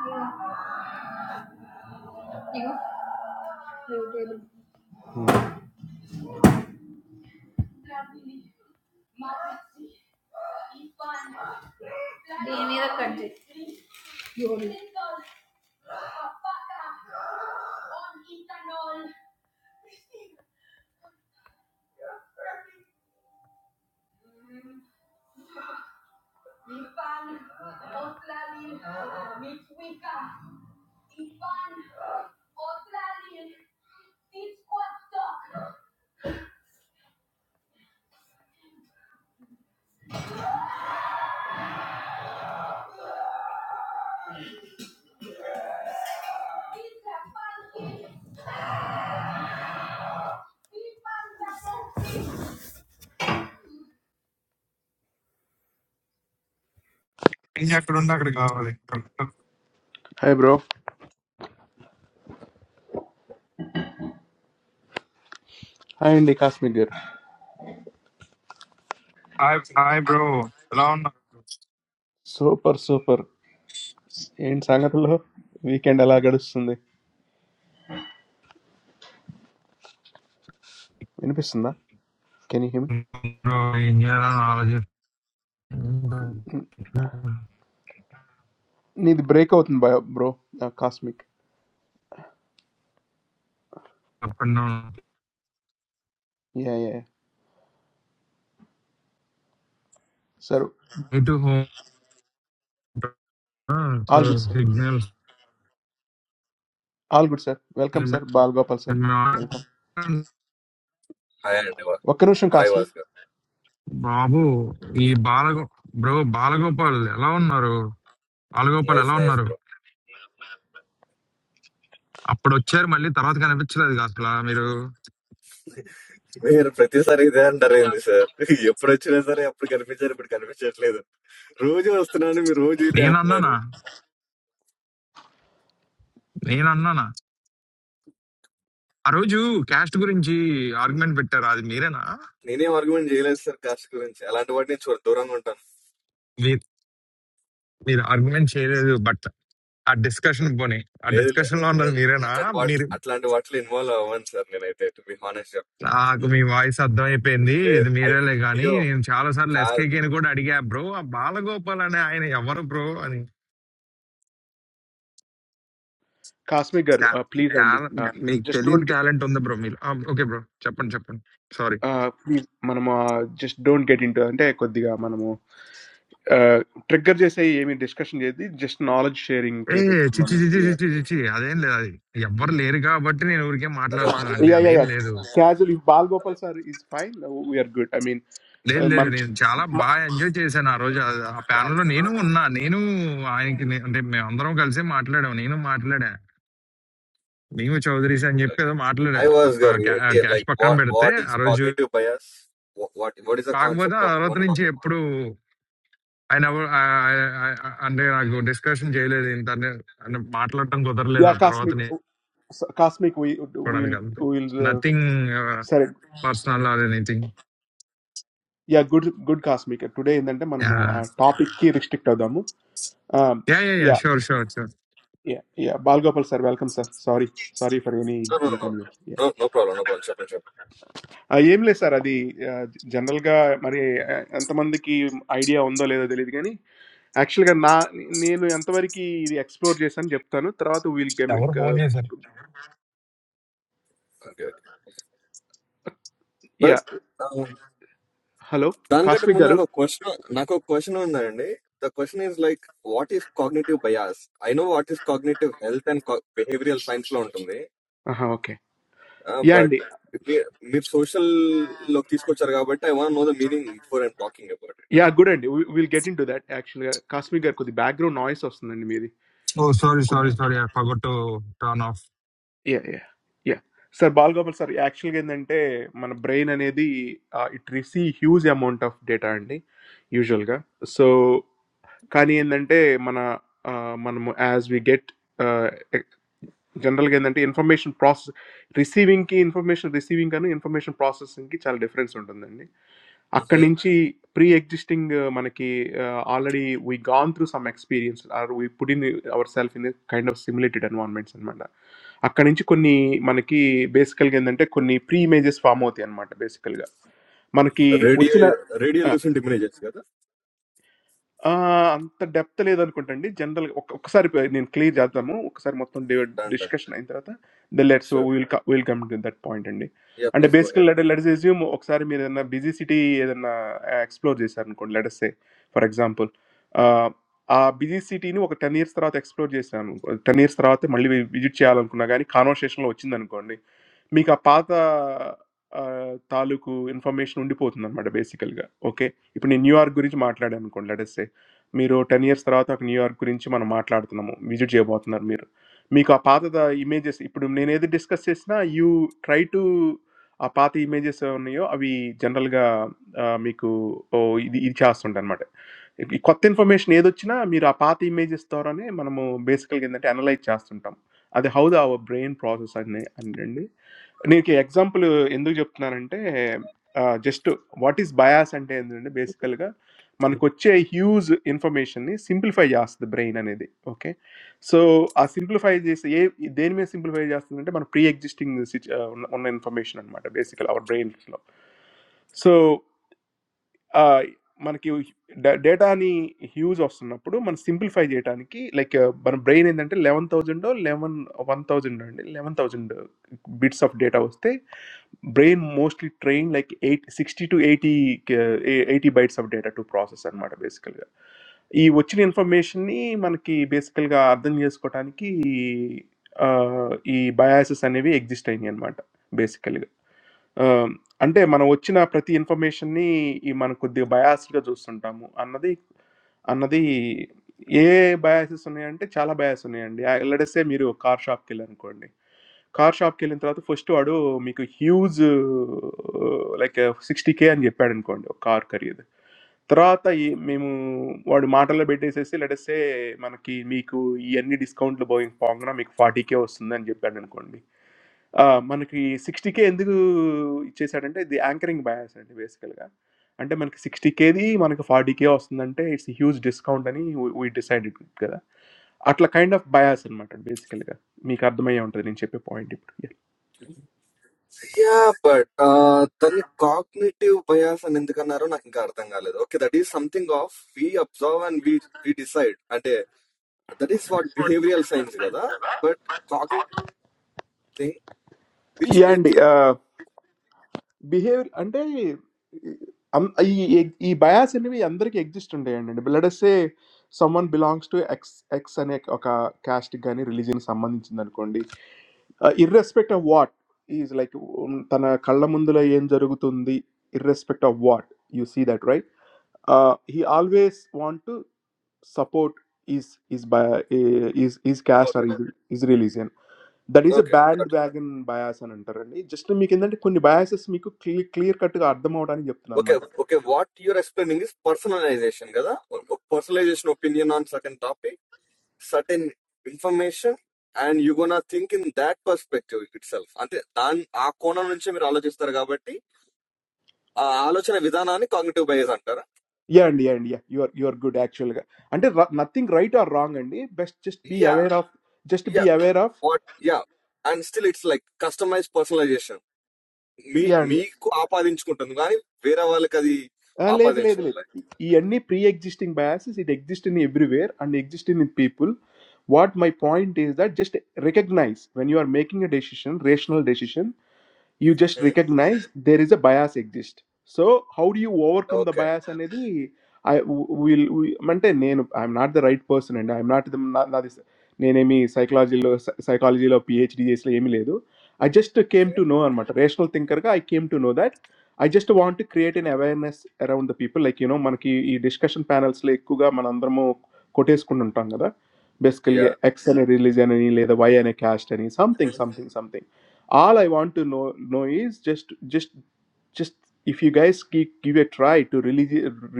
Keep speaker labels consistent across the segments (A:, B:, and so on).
A: Hey
B: నేను అక్కడ ఉన్నా అక్కడ కావాలి
A: bro, hi Andy, Cosmic here.
B: Hi hi bro ఎలా ఉన్నారు
A: Super, super. And Sangatulla weekend Allah gaddus sende. I mean, listen na. Can you hear me?
B: Bro ఏం చేయాలని ఆలోచిస్తున్నా
A: You did breakout, bro. Bro, Cosmic.
B: Up and down
A: Yeah, yeah. Sir,
B: ఇటు home so
A: all good sir.
B: Signals
A: All good sir. Welcome sir, Balgopal sir. Welcome.
C: I am Deva.
A: Welcome sir. Welcome
C: I
A: sir.
C: was good.
B: బాబు ఈ బాలగో bro Balagopal ఎలా ఉన్నారు Balagopal
C: Nice,
B: ఎలా
C: nice
B: ఉన్నారు
C: bro.
B: అప్పుడు వచ్చారు మళ్ళీ తర్వాత కనిపించలేదు అసలు మీరు
C: We are practicing there. I am doing this, sir. You practice this, sir. You get garbage shirt, but garbage shirt. No, sir. How many days? No.
B: నేనన్నానా
C: You
B: నేనన్నానా ఆ రోజు క్యాస్ట్ గురించి ఆర్గ్యుమెంట్ పెట్టారు అది మీరేనా
C: know,
B: మీరు ఆర్గ్యుమెంట్ చేయలేదు but ఆ discussion పోనీ ఆ డిస్కషన్ లో ఉన్నది మీరేనా మీరు నాకు మీ వాయిస్ అర్థమైపోయింది ఇది మీరేలే కానీ నేను చాలా సార్లు ఎస్కేకే ని కూడా అడిగా బ్రో ఆ బాలగోపాల్ అనే ఆయన ఎవరు బ్రో అని "Ta-
A: Welcome
B: talent- మీకు తెలియని టాలెంట్ ఉంది బ్రో మీరు ఓకే బ్రో చెప్పండి చెప్పండి sorry
A: sir. Welcome sir. Trigger, just knowledge sharing.
B: ఏ చిచ్చి చిచ్చి
A: Yeah,
B: చిచ్చి చిచ్చి అదేం లేదు అది ఎవ్వరు లేరు కాబట్టి నేను ఊరికే మాట్లాడుతున్నాను అండి
A: yeah,
B: అదేం
A: yeah.
B: లేదు
A: Casualy, Balgopal sir, is fine. We are good. I mean,
B: లేదు లేదు నేను చాలా బాగా ఎంజాయ్ చేశాను ఆ రోజు ఆ ఆ panel లో నేను ఉన్నా నేను ఆయనకి నే- అంటే మేము అందరం కలిసి మాట్లాడాము నేను మాట్లాడా మేము చౌదరీస్ అని చెప్పి ఏదో మాట్లాడా
C: I was good.
B: ప- క్యా- క్యాష్
C: Like
B: పక్కన
C: what?
B: పెడితే
C: What is
B: ఆ రోజు
C: cognitive bias? What? What is the
B: కాకపోతే
C: concept
B: ఆ
C: of? You
B: తర్వాత
C: want to talk
B: నుంచి
C: about?
B: ఎప్పుడు ఆయన ఎవ- ఆ- ఆ- ఆ- అంటే నాకు డిస్కషన్ చేయలేదు ఇంత అనే- అనే మాట్లాడటం కుదరలేదు
A: yeah,
B: ఆ తర్వాత
A: cosmic, cosmic. We will,
B: నేర్చుకోవడానికి
A: we
B: అంత
A: will,
B: nothing
A: sir.
B: Personal or anything
A: Yeah, good, good cosmic. Today, instead, man,
B: yeah
A: my topic key restricted. Amu,
B: yeah yeah
A: yeah,
B: sure sure sure
A: yeah, yeah. Balgopal sir, welcome sir. Sorry, sorry for any
C: No, no, no.
A: inconvenience.
C: No, no problem. No problem. Sure, sure.
A: I am less sir. Adi general ka, sorry, antamandhi ki idea ondo leda dele dekani. Actually ka na Neilu antwari ki the exploration jepthano. Trava tu will
B: ఎవరు phone చేశారు
C: Okay, okay.
A: yeah
C: But, during
A: hello
C: that moment, I have
A: Caspigeru.
C: a question. I have a question on that. The question is like, what is cognitive bias? I know what is cognitive health and behavioral science loan to me.
A: Aha okay. Yeah
C: But
A: andy
C: if me, if social log things go churaga, but I want know the meaning for and talking about
A: yeah good andy. We will get into that actually. Caspigeru kudi background noise osnani me di.
B: Oh sorry sorry sorry I forgot turn off
A: Yeah yeah yeah. Sir Balgopal sir. Actually ka ninte man brain ani di it receive huge amount of data andy usual ka so. Can you understand? Man, as we get general, information processing, receiving information, receiving, information processing, there is a difference. When
C: it.
A: there is pre-existing, man, we already gone through some experience, or we put in ourselves in a kind of simulated environment. When there is pre-images formed, there is a difference. Man,
C: Okay.
A: we
C: Radio, radio,
A: understand.
C: lucid images, right?
A: Ah, अंतर depth तले इधर content ढी general okay sorry निं क्ली जाता हूँ okay सारे मतलब डिवर्ट
C: Done, done.
A: discussion इन इतर ता the let's we
C: Sure.
A: will we will come to that point ढी
C: Yeah.
A: and
C: Please go ahead.
A: basically let let us assume okay सारे मेरे इधर ना busy city इधर ना explore जैसा इन कोन let us say for example आ busy city नू ओके तनिर्थ तरह त explore जैसा हूँ तनिर्थ तरह ते मल्ली विजुच्चे आलम कोन गानी कानोशेशनल ओचिन्दन कोन ढी मी का पाता तालु को information మీరు 10 ఇయర్స్ తర్వాత ఒక న్యూయార్క్ గురించి మనం మాట్లాడుతున్నాము. విజిట్ చేయబోతున్నారు మీరు. మీకు ఆ పాత ద ఇమేజెస్ ఇప్పుడు నేనేది డిస్కస్ చేసినా యూ ట్రై టు ఆ పాత ఇమేజెస్ ఉన్నాయో అవి జనరల్‌గా ఆహ్, మీకు ఓహ్! ఇది ఇది చేస్తుంటనమాట. ఈ కొత్త ఇన్ఫర్మేషన్ ఏదొచ్చినా మీరు ఆ పాత ఇమేజెస్ ద్వారానే మనము బేసికల్‌గా ఏందంటే అనలైజ్ చేస్తుంటాం. అది how the our brain process అని అనండి. నీకు ఎగ్జాంపుల్ ఎందుకు చెప్తున్నానంటే జస్ట్ వాట్ ఈస్ బయాస్ అంటే ఏంటంటే బేసికల్‌గా मानु कुछ ये huge information नी simplify जास्ते brain अनेके okay so a simplify जेसे ये दिन में simplify जास्ते नेट मानु pre-existing ओनल इनफॉरमेशन अनमाटा basically our brain लो so आ मानु की data नी huge ऑप्शन ना पड़ो मानु simplify जेटा नी की like मानु brain ने नेट माटे eleven thousand or eleven one thousand अन्दे eleven thousand bits of data उस्ते brain mostly train like eight sixty to eighty eighty bytes of data to process अनमाटा basically. ఈ వచ్చిన ఇన్ఫర్మేషన్‌ని మనకి బేసికల్‌గా అర్థం చేసుకోటానికి ఆహ్, ఈ బయాసెస్ అనేవి ఎగ్జిస్ట్ అయినియనమాట బేసికల్‌గా. ఆహ్, అంటే మనం వచ్చిన ప్రతి ఇన్ఫర్మేషన్‌ని ఈ మనం కొద్దిగా బయాస్డ్‌గా చూస్తుంటాము అన్నది అన్నది ఏ బయాసెస్ ఉన్నాయంటే చాలా బయాస్ ఉన్నాయండి. ఆహ్, లెట్ అస్ సే మీరు కార్ షాప్‌కెళ్లారనుకోండి. కార్ షాప్‌కెళ్ళిన తర్వాత ఫస్ట్ వాడు మీకు హ్యూజ్ లైక్ 60,000 అని చెప్పాడనుకోండి ఒక కార్ ఖరీదు. తర్వాత ఈ మేము వాడు మాటల్లో పెట్టేసేసి లెటసే మనకి మీకు ఇవన్నీ డిస్కౌంట్లు పోయి పోగా మీకు ఫార్టీ కే వస్తుంది అని చెప్పాడు అనుకోండి ఆ, మనకి సిక్స్టీ కే ఎందుకు ఇచ్చేసాడంటే ఇది యాంకరింగ్ బయాస్ అండి బేసికల్గా అంటే మనకి సిక్స్టీ కేది మనకి ఫార్టీ కే వస్తుందంటే ఇట్స్ హ్యూజ్ డిస్కౌంట్ అని వీ డిసైడ్ కదా అట్లా కైండ్ ఆఫ్ బయాస్ అనమాట బేసికల్గా మీకు అర్థమయ్యే ఉంటుంది నేను చెప్పే పాయింట్ ఇప్పుడు
C: Yeah, but uh, then cognitive bias and ఎందుకు అన్నారో నాకు ఇంకా అర్థం కాలేదు. Okay, that is something of we observe and we we decide. అంటే that is what behavioral science కదా. But cognitive thing which
A: yeah
C: we
A: అండి
C: think.
A: Behave. And the, I'm. This this bias is also exist inside. For example, say someone belongs to X X and a caste, or religion. Samman is done. Irrespective of what is like, when the Kerala Mundalaya environment is done. Irrespective of what you see that right? He always want to support his his by his his caste or
C: Okay,
A: his religion. That is a
C: okay, got it.
A: bandwagon bias and internally. Just to me, and that the kind of biases, me, I clear clear cut the arda maota ni yaptlan
C: Okay,
A: mat.
C: okay. What you're explaining is personalization కదా. Personalization opinion on certain topic, certain information, and you gonna think in that perspective itself. అంటే దాని ఆ కోణం నుంచే మీరు ఆలోచిస్తారు కాబట్టి Yeah,
A: Yeah, India, India, you are you are good actually. And the nothing right or wrong, and the best just be aware of, just
C: yeah,
A: be aware of.
C: what? Yeah, and still it's like customized personalization. Me,
A: Yeah, yeah,
C: me, coapa dance content. Do I need Vera Valca's?
A: yeah.
C: Coapa
A: Yeah, yeah,
C: dance.
A: yeah. Yeah, any pre-existing biases, it existing everywhere and existing in people. What my point is that just recognize when you are making a decision, rational decision. You just recognize there is a bias exist. So how do you overcome the
C: Okay,
A: bias? And if I will, I will. I am not the right person, and I am not the. I am not this. I am not me. Psychology or psychology or PhD. So I am here. I just came
C: okay,
A: to know. I am a rational thinker. I came to know that. I just want to create an awareness around the people. Like you know, manki discussion panels le kuka manandromo kotes kundan thanga.
C: yeah,
A: Basically, X and religion ani le the bias ani caste ani something something something all i want to know know is just just just if you guys give, give a try to really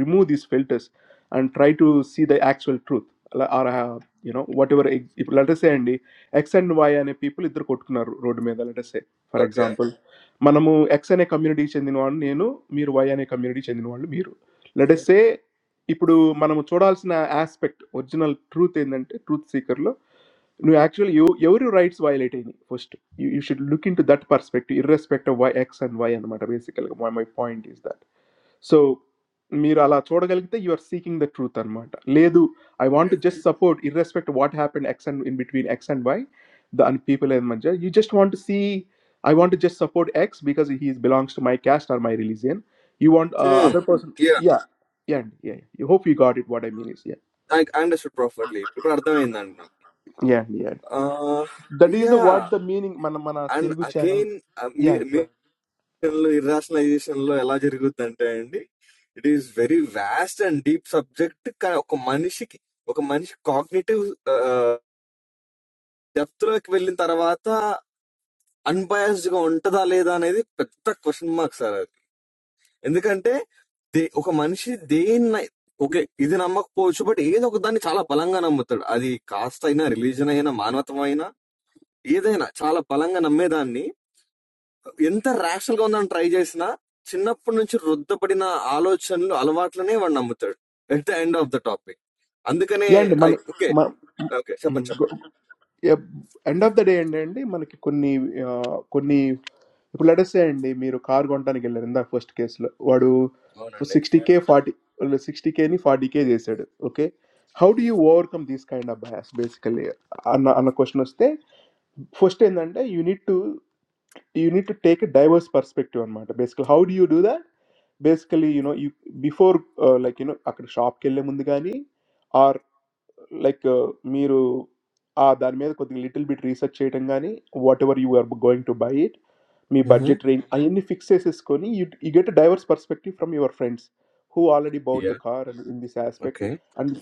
A: remove these filters and try to see the actual truth Like, or uh, you know whatever if let us say అండి X and Y అనే people ఇద్దరు కొట్టుకున్నారు రోడ్డు మీద let us say for
C: okay,
A: example మనము X అనే కమ్యూనిటీకి చెందిన వాళ్ళు నేను మీరు వై అనే కమ్యూనిటీ చెందిన వాళ్ళు మీరు let us
C: okay.
A: say ఇప్పుడు మనము చూడాల్సిన ఆస్పెక్ట్ ఒరిజినల్ ట్రూత్ ఏంటంటే ట్రూత్ సీకర్లో no, actually, you your rights violating first. You, you should look into that perspective, irrespective of why X and Y and matter. Basically, my, my point is that. So, మీరు అలా చూడగలిగితే you are seeking the truth అనమాట లేదు I want just support irrespective what happen X and in between X and Y the and people in మధ్య you just want see I want just support X because he belongs to my caste or my religion you want
C: Hmm,
A: other person
C: yeah.
A: Yeah yeah అండి yeah you hope you got it what I mean is yeah
C: I understood perfectly. But what do I need now?
A: Yeah అండి
C: Ah,
A: That is the what
C: yeah,
A: the meaning. Man, man,
C: and
A: Telugu channel.
C: again, me,
A: Yeah,
C: me. లో ఇర్రాషనలైజేషన్ లో ఎలా జరుగుద్ది అంటే అండి it is very vast and deep subject కానీ ఒక మనిషికి ఒక మనిషి కాగ్నిటివ్ డెప్త్ లోకి వెళ్ళిన తర్వాత అన్బయాస్డ్ గా ఉంటదా లేదా అనేది పెద్ద క్వశ్చన్ మార్క్ సార్ అది ఎందుకంటే దే- ఒక మనిషి దేన్ని ఓకే ఇది నమ్మకపోవచ్చు బట్ ఏదో ఒక దాన్ని చాలా బలంగా నమ్ముతాడు అది కాస్ట్ అయినా రిలీజన్ అయినా మానవత్వం అయినా ఏదైనా చాలా బలంగా నమ్మేదాన్ని ఎంత ర్యాషనల్ గా ఉందని ట్రై చేసినా చిన్నప్పటి నుంచి రుద్దపడిన ఆలోచనలు అలవాట్లనే వాడు నమ్ముతాడు at the end of the topic అందుకనే
A: yeah, end, man,
C: okay
A: man.
C: Okay చెప్పండి చెప్పండి
A: End of the day, end, end. Man, kikunni, ah, kunni. What is the end? Me, a car gotani kele. In that first case, lado
C: అవునండి
A: sixty k, forty or sixty k, ni forty k they said. Okay, how do you overcome this kind of bias? Basically, Anna Anna question asked. First, end, end. You need to, you need to take a diverse perspective on matter. Basically, how do you do that? Basically, you know, you before uh, like you know, after shop, Kerala, Mundigani, or like me, who are there, may have got a little bit research, etangaani. Whatever you are going to buy it, me budget range. I only fixes is Koni. You you get a diverse perspective from your friends who already bought
C: yeah
A: the car and in this aspect
C: okay
A: and.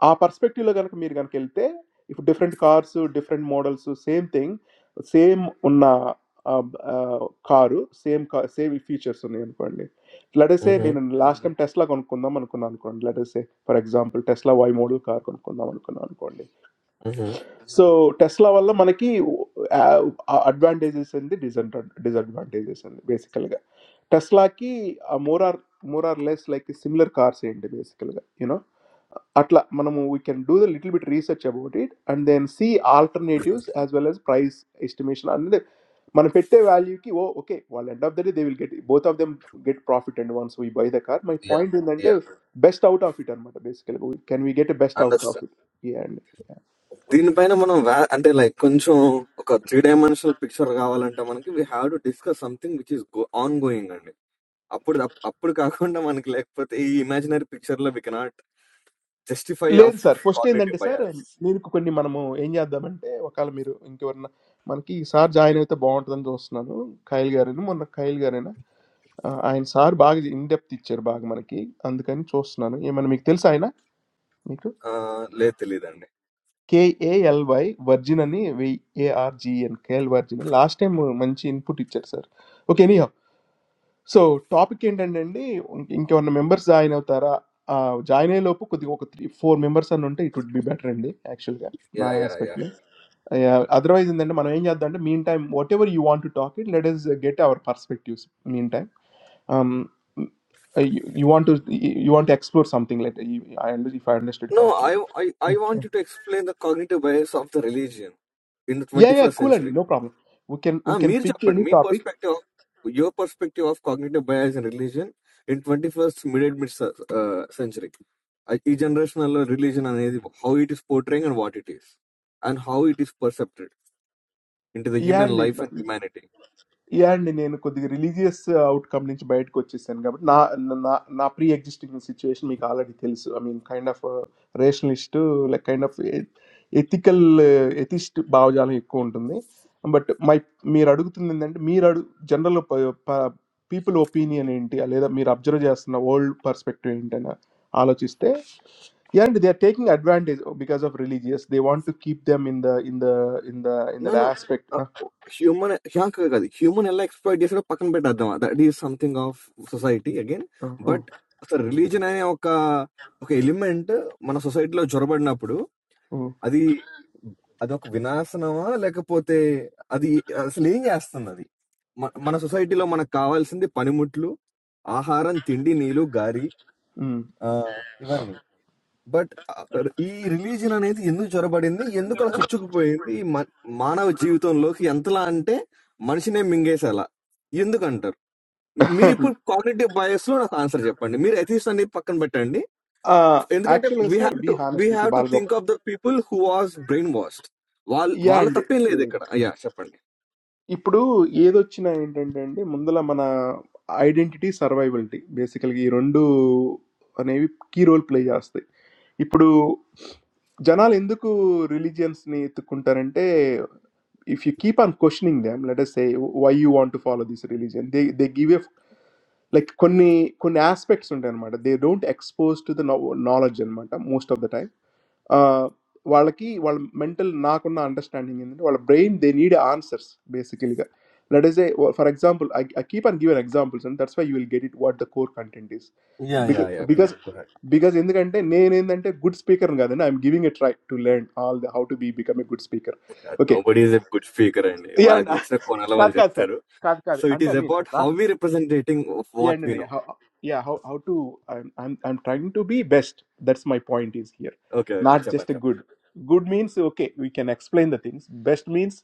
A: A perspective laga na kmiirigan keltay different cars, different models, same thing, same unna caru, same same features na nikonle. Let us say nina last time Tesla konkonda man konan konle. Let us say for example Tesla Y model car konkonda man konan konle. So Tesla vallala manaki advantages and the disadvantages, basically laga. Tesla ki more or more or less like a similar car seinte basically you know. Atla, I mean we can do the little bit research about it and then see alternatives as well as price estimation. And the, I mean, pette value ki wo okay. Well, end up the they will get both of them get profit and once we buy the car. My
C: yeah
A: point in the end
C: yeah
A: is best out of it. Amma basically can we get a best out of
C: understand
A: it?
C: దీనిపైన మనం వా- అంటే like కొంచెం ఒక three dimensional picture కావాలంటే మనకి we have to discuss something which is ongoing అండి అప్పుడు అప్- అప్పుడు కాకుండా మనకి లేకపోతే ఈ ఇమాజినరీ పిక్చర్ లో వి కెనాట్ జస్టిఫై
A: లేదు
C: ఆఫ్
A: సార్. ఫస్ట్ ఏందంటే
C: కాగ్నేటివ్
A: సార్,
C: బయాస్
A: మీకు కొన్ని మనము ఏం చేద్దామంటే, ఒకాళ మీరు ఇంకెవరన్నా మనకి ఈ సార్ జాయిన్ అయితే బావుంటదని చూస్తున్నాను. ఖైల్ గారేను, మొన్న ఖైల్ గారేనా? ఆహ్, ఆయన సార్ బాగా ఇన్ డెప్త్ ఇచ్చారు బాగా మనకి. అందుకని చూస్తున్నాను. ఏమన్నా మీకు తెలుసా ఆయన? మీకు?
C: Uh, లేదు తెలియదండి.
A: కేఏఎల్‌వై వర్జిన్ అని V ARGN KL virgin. Last time మంచి ఇన్‌పుట్ ఇచ్చారు sir. Okay. Anyhow So topic independently, when your members join or there are join, hello, but if you have four members, then it would be better, actually.
C: Yeah,
A: I
C: yeah,
A: expect.
C: yeah.
A: Otherwise, then the main thing is that the meantime, whatever you want to talk, it let us get our perspectives. Meantime, um, you want to you want to explore something. Let I understand if I understood
C: No, I,
A: correctly.
C: I, I want you to explain the cognitive bias of the religion in the
A: Yeah, yeah,
C: 21st
A: coolly,
C: century.
A: no problem. We can
C: ఆ,
A: we can
C: మీరు
A: pick
C: చెప్పండి
A: any
C: మీ
A: topic,
C: perspective of your perspective of cognitive bias in religion in 21st mid mid uh, century. I- ఈ generation లో religion అనేది how it is portraying and what it is and how it is perceived into the human
A: and if.
C: life and humanity.
A: And then, I mean, the religious outcome which bite goes something, but na na na pre-existing situation, like other details. I mean, kind of a rationalist, like kind of ethical, atheist, bow jalan account, don't they? But my my argument is that my general people opinion, India, or my absolute world perspective, India, are all these things. And they are taking advantage because of religious. They want to keep them in the in the in the in that
C: No, no.
A: aspect.
C: Uh, Human. Yeah, exactly. Human. Ella exploit. Yes, sir. No, Pakistan. Bet that. That is something of society. Again, but the religion. I mean, okay. Okay. Element. Man, society. No, job. What? No. That. That. Okay. Vinayak. No. Wow. Like a pothe. That. That. Religion. Yes. That. Man. Man. Society. No. Man. Kaval. Sendi. Panimutlu. Aharan. Thindi. Neelu. Gari. Ah. Even. But ఆ, ఈ religion అనేది ఎందుకు చొరబడింది ఎందుకు అలా చొచ్చుకుపోయింది ఈ మ- మానవ జీవితంలోకి ఎంతలా అంటే మనిషినే మింగేసేలా ఎందుకంటారు మీరు ఇప్పుడు కాగ్నిటివ్ బయస్ లో నాకు ఆన్సర్ చెప్పండి మీరు ఎథిస్ట్ అనేది పక్కన పెట్టండి
A: Uh,
C: ఎందుకంటే
A: actually,
C: we
A: sir,
C: have
A: be
C: to
A: honest
C: we
A: with you,
C: have to think
A: Balgopal.
C: Of the people who was brainwashed వాళ్ళ
A: Yeah,
C: వాళ్ళ
A: and
C: తప్పేం లేదు
A: yeah.
C: ఇక్కడ అయ్యా చెప్పండి
A: ఇప్పుడు ఏదొచ్చినా ఏంటంటే అండి ముందల మన ఐడెంటిటీ సర్వైవల్టీ బేసికల్గా ఈ రెండు అనేవి కీ రోల్ ప్లే చేస్తాయి. ఇప్పుడు జనాలు ఎందుకు రిలీజియన్స్ని ఎత్తుక్కుంటారంటే if you keep on questioning them let say why you want to follow this religion they they give a like కొన్ని కొన్ని ఆస్పెక్ట్స్ ఉంటాయి అనమాట. They don't expose to the knowledge అనమాట most of the time. Uh, what? Why mental? Not only understanding, and what brain they need answers basically. That is for example. I I keep on giving examples, and that's why you will get it. What the core content is
C: yeah yeah
A: because
C: yeah
A: because
C: please
A: because. And the good
C: nobody is a good speaker అండి వాళ్ళకి నచ్చిన కోణాల వాళ్ళు
A: speaker
C: చెప్తారు so it is about how we representing
A: yeah
C: what
A: no,
C: we
A: no,
C: no
A: how, yeah how, how to I'm, I'm i'm trying to be best that's my point is here
C: okay okay
A: not just a
C: చెప్పండి
A: good good means okay we can explain the things best means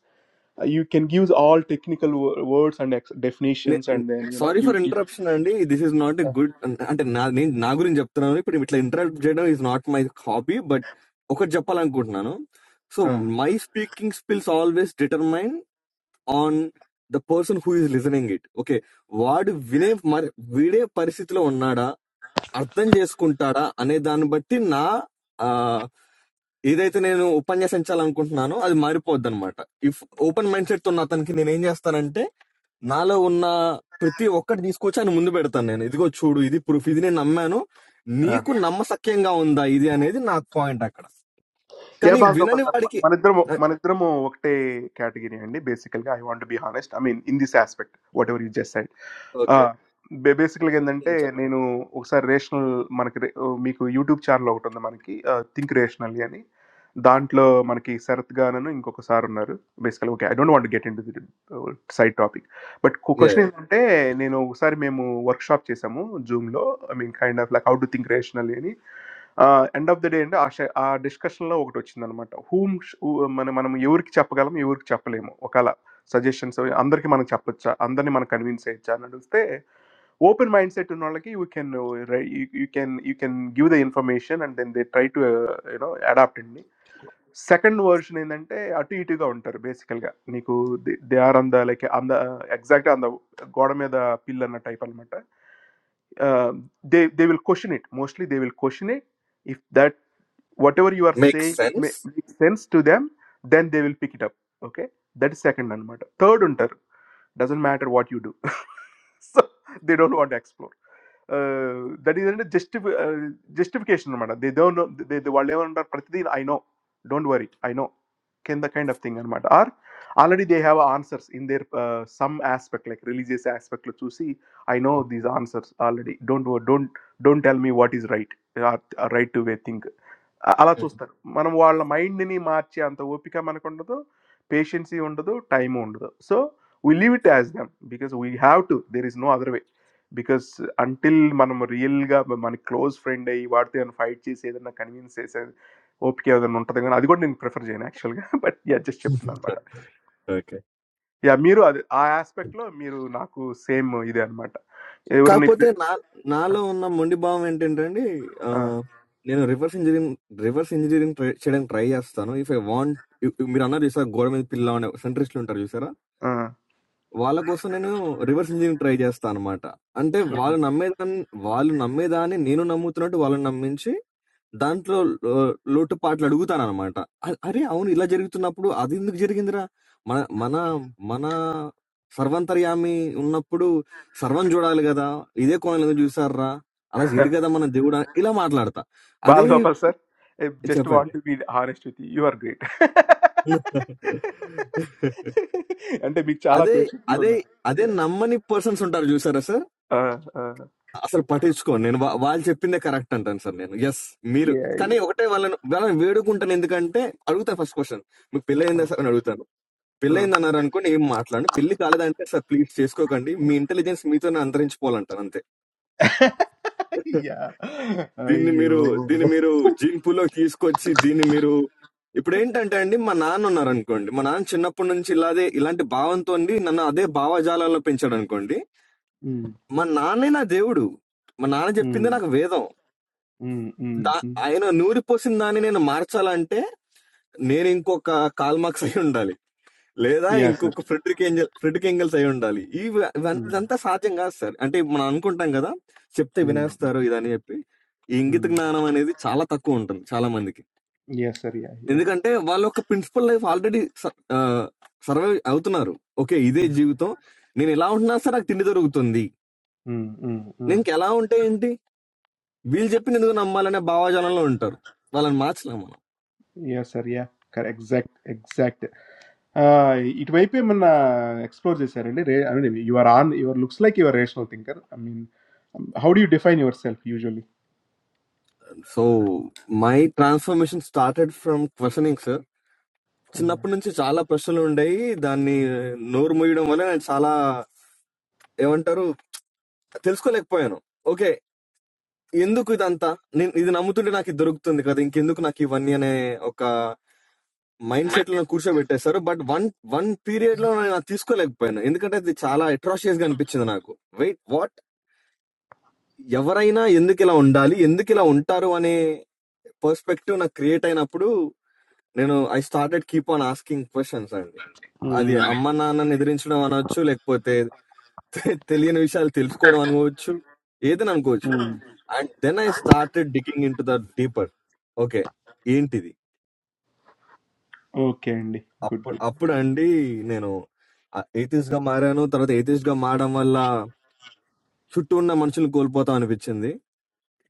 A: uh, you can use all technical wo- words and ex- definitions and then you know
C: Sorry
A: you,
C: for
A: you
C: interruption. And this is not a good. I mean, Nagpur in Japtha, I'm not very good. But interruption is not my copy. But okay, Japala is good, no. So
A: ఆ,
C: my speaking skills always determine on the person who is listening it. Okay, word vinev mar vide parichitlo onna da. అర్థం చేసుకుంటాడా అనే దాన్ని బట్టి నా ఆ ఏదైతే నేను ఉపన్యసించాలనుకుంటున్నానో అది మారిపోద్ది అనమాట ఇఫ్ ఓపెన్ మైండ్ సెట్ ఉన్న అతనికి నేను ఏం చేస్తానంటే నాలో ఉన్న ప్రతి ఒక్కటి తీసుకొచ్చి ఆయన ముందు పెడతాను నేను ఇదిగో చూడు ఇది ప్రూఫ్ ఇది నేను నమ్మాను
A: ఆ.
C: నీకు నమ్మసక్యంగా ఉందా ఇది అనేది నాకు పాయింట్ అక్కడ
A: యా
C: కానీ
A: manidramo
C: వినని
A: సార్
C: వాడికి
A: మనిద్దరము మనిద్దరము ఒకటే category I want to be honest. I mean in this aspect, whatever you just said.
C: Okay
A: Ah, basically, like I said,
C: చెప్పండి
A: you know, some rational manik, meko YouTube channel logotanda maniki think rationalyani. Don't know manik sarathgaana no. Inko kosharunnar. Basically, like I don't want to get into the side topic. But koshne like I said, some workshop chesa mo Zoom lo. I mean, kind of like how to think rationalyani. Ah, end of the day, enda actually our discussion lo logotochina na matra. Whom, mane manam yurk chapgalam yurk chaple mo. Okala suggestions. Amder ke manik chapchaa. Amder ne manik convince chaa. Nadelste. Open mindset to know like you can right you you can you can give the information and then they try to uh, you know adaptingly second version inante ati itu ka unter basically ni ko they are and the like that exact and the godamme the piller na type almatte they they will question it mostly they will question it if that whatever you are
C: make
A: saying it may
C: sense
A: make sense to them then they will pick it up okay that is second anamata third ఉంటారు doesn't matter what you do so they don't want to explore uh, that is అంటే జస్టి justification అనమాట they don't know they వాళ్ళు ఏమంటారు ప్రతిదీ I know don't worry I know can the kind of thing అనమాట are already they have answers in their some aspect like religious ఆస్పెక్ట్లో చూసి I know these answers already don't Don't wo- don't me what is right right. To way think all such things. Manu, our mind needs to match. That's why we have to understand that patience is needed, time is needed. So we leave it as them because we have to. There is no other way. Because until manu, our real guy, manu, close friend, aiywardte, an fight, she said, an convince, she said, hope, she said, an onta, they can. I didn't prefer that actually, but yeah, just shifted that matter.
C: Okay
A: Yeah, mirror. Ah, aspect. Lo, mirror. Naaku same. Idha an matter. Everne.
C: కాకపోతే నా నాలో ఉన్న మొండి భావం ఏంటంటే అండి ఆ,
A: Ah.
C: నేను reverse engineering reverse engineering try చేయడానికి ట్రై చేస్తాను ఇఫ్ ఐ వాంట్ మీరు అన్నారు చూసారా గోడ మీద పిల్ల అనే సెంట్రిస్టులు ఉంటారు చూసారా
A: Ah.
C: వాళ్ళ కోసం నేను రివర్స్ ఇంజనీరింగ్ ట్రై చేస్తా అనమాట. అంటే వాళ్ళు
A: Hmm.
C: నమ్మేదాన్ని వాళ్ళు నమ్మేదాన్ని నేను నమ్ముతున్నట్టు వాళ్ళని నమ్మించి, దాంట్లో లో లోటుపాట్లు అడుగుతాననమాట. అ అరే! అవును ఇలా జరుగుతున్నప్పుడు అదెందుకు జరిగిందిరా? మన మన మన సర్వాంతర్యామి ఉన్నప్పుడు సర్వం జూడాలి గదా! ఇదే కోణంలో ఎందుకు జూసార్రా? అలా జేయడు గదా మన దేవుడా! ఇలా మాట్లాడతా. అదే
A: Balgopal sir, I just
C: చెప్పండి.
A: want to be honest with you. You are great. అంటే మీకు చాలా
C: అదే
A: పేషెన్స్
C: అదే
A: ఉందండి
C: అదే
A: Yeah.
C: నమ్మని పర్సన్స్ ఉంటారు జూసారా సార్?
A: Uh, uh,
C: అసలు పట్టించుకోను. నేను వా వాళ్ళు చెప్పిందే కరెక్ట్ అంటాను సార్ నేను. యెస్. మీరు
A: yeah,
C: కానీ
A: yeah.
C: ఒకటే వాళ్ళను వాళ్ళని వేడుకుంటాను ఎందుకంటే అడుగుతా ఫస్ట్ క్వెషన్. మీకు పెళ్లయిందా సార్ అని అడుగుతాను.
A: Mm.
C: పెళ్లయిందన్నారనుకోండి ఏం మాట్లాడను. పెళ్లి కాలేదంటే సార్ ప్లీజ్ చేసుకోకండి. మీ ఇంటెలిజెన్స్ మీతోనే అంతరించిపోవాలంటాను అంతే.
A: Yeah.
C: దీన్ని
A: అయ్యో
C: మీరు దీన్ని మీరు జీన్ పూల్‌లోకి తీసుకొచ్చి దీన్ని మీరు ఇప్పుడేంటంటే అండి మా నాన్న ఉన్నారనుకోండి. మా నాన్న చిన్నప్పటి నుంచి ఇలాదే ఇలాంటి భావంతో ఉండి నన్ను అదే భావజాలాల్లో పెంచాడనుకోండి.
A: Mm,
C: మా నాన్నే నా దేవుడు. మా నాన్న
A: mm,
C: చెప్పిందే నాకు వేదం.
A: mm, mm, mm.
C: I know. No one person. I am saying that Marchalante. Neither inco ka Kalmaksayan dalii. Neither
A: Yes, sir.
C: inco ka Fritterkengal Fritterkengal sayan dalii. This is that
A: Mm,
C: is that Sachengas sir. I am saying that manan konthangga da. Chipte
A: mm,
C: binas taro idani appe. Inge
A: mm.
C: tagnaa na mane zee chala takko ondan chala mandike.
A: Yes, sir. Yeah,
C: Inge
A: yeah.
C: kante walokka principal life already ah survey aathunaru. Okay,
A: Mm,
C: this is life. So you know, launna sirak tindi taru tondi.
A: mm, mm,
C: You
A: mm.
C: know, Keralaun teindi. Bill Jepin idu naamma lana bawa jana lono enter. Balan match lama.
A: Yes, sir. Yeah. Correct. Exact. Exact. It might be man explores this area, right? I mean, you are an, you are looks like you are a rational thinker. I mean, how do you define yourself usually?
C: So my transformation started from questioning, sir. Because now, when I see all the questions, I, that you know, or maybe not, but all the even taru, things come up. Okay, in due to that, this, this, we do not need drugs. We need to change. In due to that, we need money or a mindset. We need to change. But one, one period, when things come up, in that time, I saw atrocious things. Wait, what? Why are you? Why are you? నేను I started keep on asking questions అండి. అది అమ్మ నాన్నని ఎదిరించడం అనొచ్చు. లేకపోతే తె తెలియని విషయాలు తెలుసుకోవడం అనుకోవచ్చు. ఏదైనా అనుకోవచ్చు. And then I started digging into the deeper. Okay. ఏంటిది?
A: Okay, good,
C: అప్పుడు
A: good.
C: అప్పుడండి నేను ఆహ్, ఏథిస్ట్‌గా మారాను. తర్వాత ఏథిస్ట్‌గా మారడం వల్ల చుట్టూ ఉన్న మనుషుల్ని కోల్పోతాం అనిపిచ్చింది.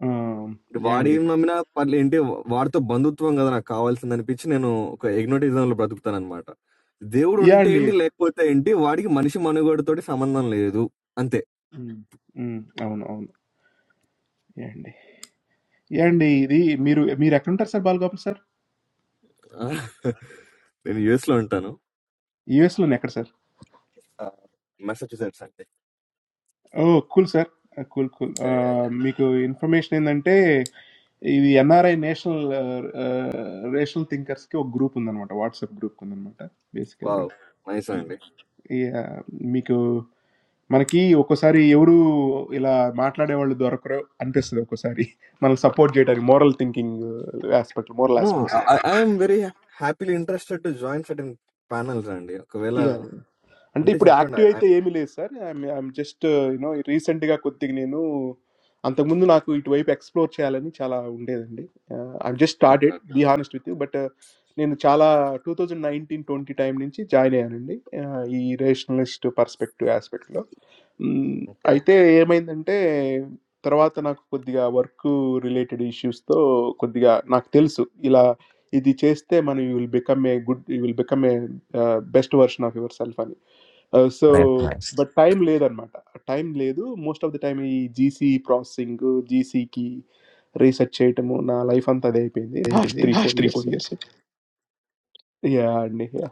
A: Um,
C: ఇటు వాడి
A: yandey,
C: నమ్మినా పర్లే ఏంటి వాడితో బంధుత్వం కదా నాకు కావాల్సింది అనిపించి నేను ఒక ఎగ్నోటిజం లో బ్రతుకుతాను అనమాట దేవుడు ఉంటే ఏంటి
A: yandey.
C: లేకపోతే ఏంటి వాడికి మనిషి మనుగడతోటి సంబంధం లేదు అంతే
A: Hmm, hmm. Oh no, oh no. Yandey, yandey. Did me record this, sir? Ball cop, sir?
C: ఆ, నేను యుఎస్ లో ఉంటాను
A: US, no, necker, sir.
C: Massachusetts అండి
A: Oh, cool, sir. Cool, cool. Ah, meko information. Nante, this NR National Ah Racial Thinkers. Kya group under nawa. WhatsApp group under nawa. Basically,
C: wow nice అండి
A: yeah. Meko. Man, kya? Oko sari. Yoru ila matla deval doar karo. Anpesu doko sari. Man support gate ari. Moral thinking aspect. Moral
C: no
A: aspects.
C: I'm very happily interested to join certain panels అండి ఒకవేళ
A: Yeah. అంటే
C: ఉంటే
A: ఇప్పుడు
C: చెప్పండి
A: active అయితే ఏమీ లేదు sir I'm just you know రీసెంట్గా కొద్దిగా నేను అంతకుముందు నాకు ఇటువైపు ఎక్స్ప్లోర్ చేయాలని చాలా ఉండేదండి I'm just
C: okay
A: started
C: okay
A: be honest with you but నేను చాలా two thousand nineteen twenty time నుంచి జాయిన్ అయ్యానండి ఆ, ఈ రేషనలిస్ట్ పర్స్పెక్టివ్ ఆస్పెక్ట్లో
C: ఓకే
A: అయితే ఏమైందంటే తర్వాత నాకు కొద్దిగా వర్క్ రిలేటెడ్ ఇష్యూస్తో కొద్దిగా నాకు తెలుసు ఇలా ఇది చేస్తే మనం you will become a good you will become a best version of yourself అని
C: nice
A: so,
C: nice
A: but time le the matra. Time le do most of the time. I GC processing GC ki race achche itemo na life anta day pendi last three four years. Yeah, ne yeah.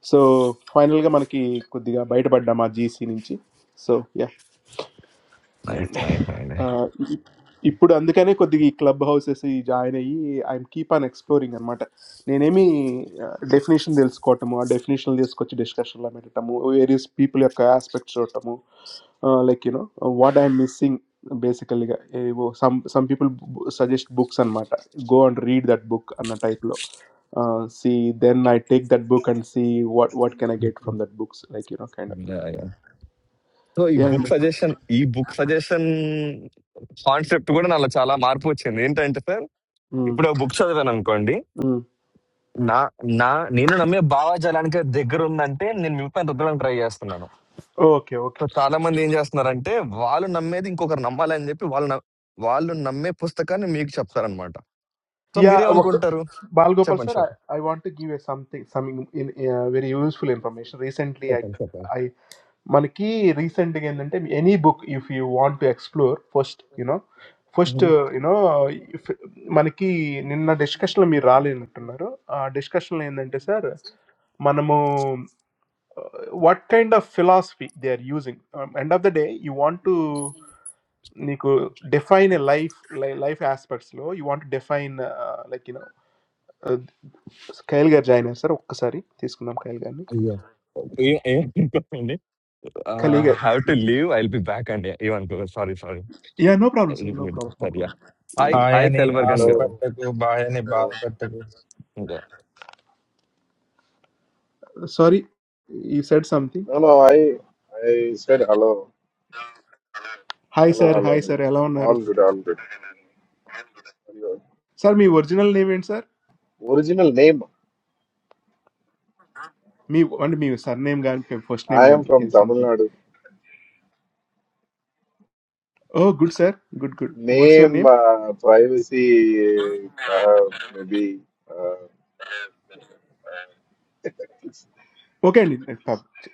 A: So final ka manki kudiga bite badama GC ninci. So yeah.
C: Nice
A: Yeah.
C: Nice
A: Ah, if if put and the kind of go to the clubhouse and see. I'm keep on exploring and matter. Now, now me definition deals quote a mo. Definitional deals quote discussion la matter mo. Various people or aspects quote a mo. Ah, like you know, what I'm missing basically. Ah, some some people suggest books and matter. Go and read that book and a type lo. Ah, see then I take that book and see what what can I get from that books. Like you know, kind of thing.
C: అండి so ఈ
A: Yeah.
C: Book suggestion ఈ book suggestion concept కూడా నాలో చాలా మార్పు వచ్చింది ఏంటంటే sir
A: Hmm.
C: ఇప్పుడు బుక్ చదివాను అనుకోండి
A: Hmm.
C: నా నా నేను నమ్మే భావజాలానికి అది దగ్గర ఉందంటే నేను మిగతా రుద్దడానికి ట్రై చేస్తున్నాను
A: Okay. Okay.
C: సో చాలా మంది ఏం చేస్తున్నారంటే వాళ్ళు నమ్మేది ఇంకొకరు నమ్మాలని చెప్పి వాళ్ళు న- వాళ్ళు నమ్మే పుస్తకాన్ని మీకు చెప్తారనమాట సో
A: Yeah, Vak-
C: మీరేమనుకుంటారు
A: Balgopal
C: చెప్పండి
A: sir,
C: చెప్పండి
A: I, I want to give you something some in in uh, very useful information. Recently, I
C: చెప్పండి చెప్పండి
A: I manaki recent again any book if you want to explore first, you know, first
C: hmm.
A: uh, you know if మనకి నిన్న డిస్కషన్లో మీరు రాలేనట్టున్నారు ఆ డిస్కషన్లో ఏంటంటే sir మనము what kind of philosophy they are using end of the day you want to నీకు define life life ఆస్పెక్ట్స్లో you want define like Khailgar Jain sir, sorry. What is your name Khailgar?
C: అయ్యో ఏ- ఏ- చెప్పండి. I
A: Khailgar.
C: Have to leave I will be back అండి ఏమనుకో sorry sorry
A: Yeah, no problem sir, no problem, no
C: Hi,
A: problem.
C: hi,
B: హాయని
C: Kalvargan ge or
D: Hello,
B: ఆశపెట్టకు బాయని
D: hello.
B: బాధపెట్టకు
A: Sorry, you said something.
D: No, no, I I said hello,
A: Hi
D: hello,
A: sir,
D: hello,
A: hi sir.
D: hello.
A: Allow me sir.
D: All good, all good. Your
A: Sir, me original name is sir.
D: original name.
A: Me only me sir name is first
D: I am
A: name
D: from
A: is
D: Tamil
A: something.
D: Nadu.
A: Oh good sir, good good. What's your
D: Name
A: name?
D: uh, privacy, uh, maybe. Uh, it's,
A: Okay.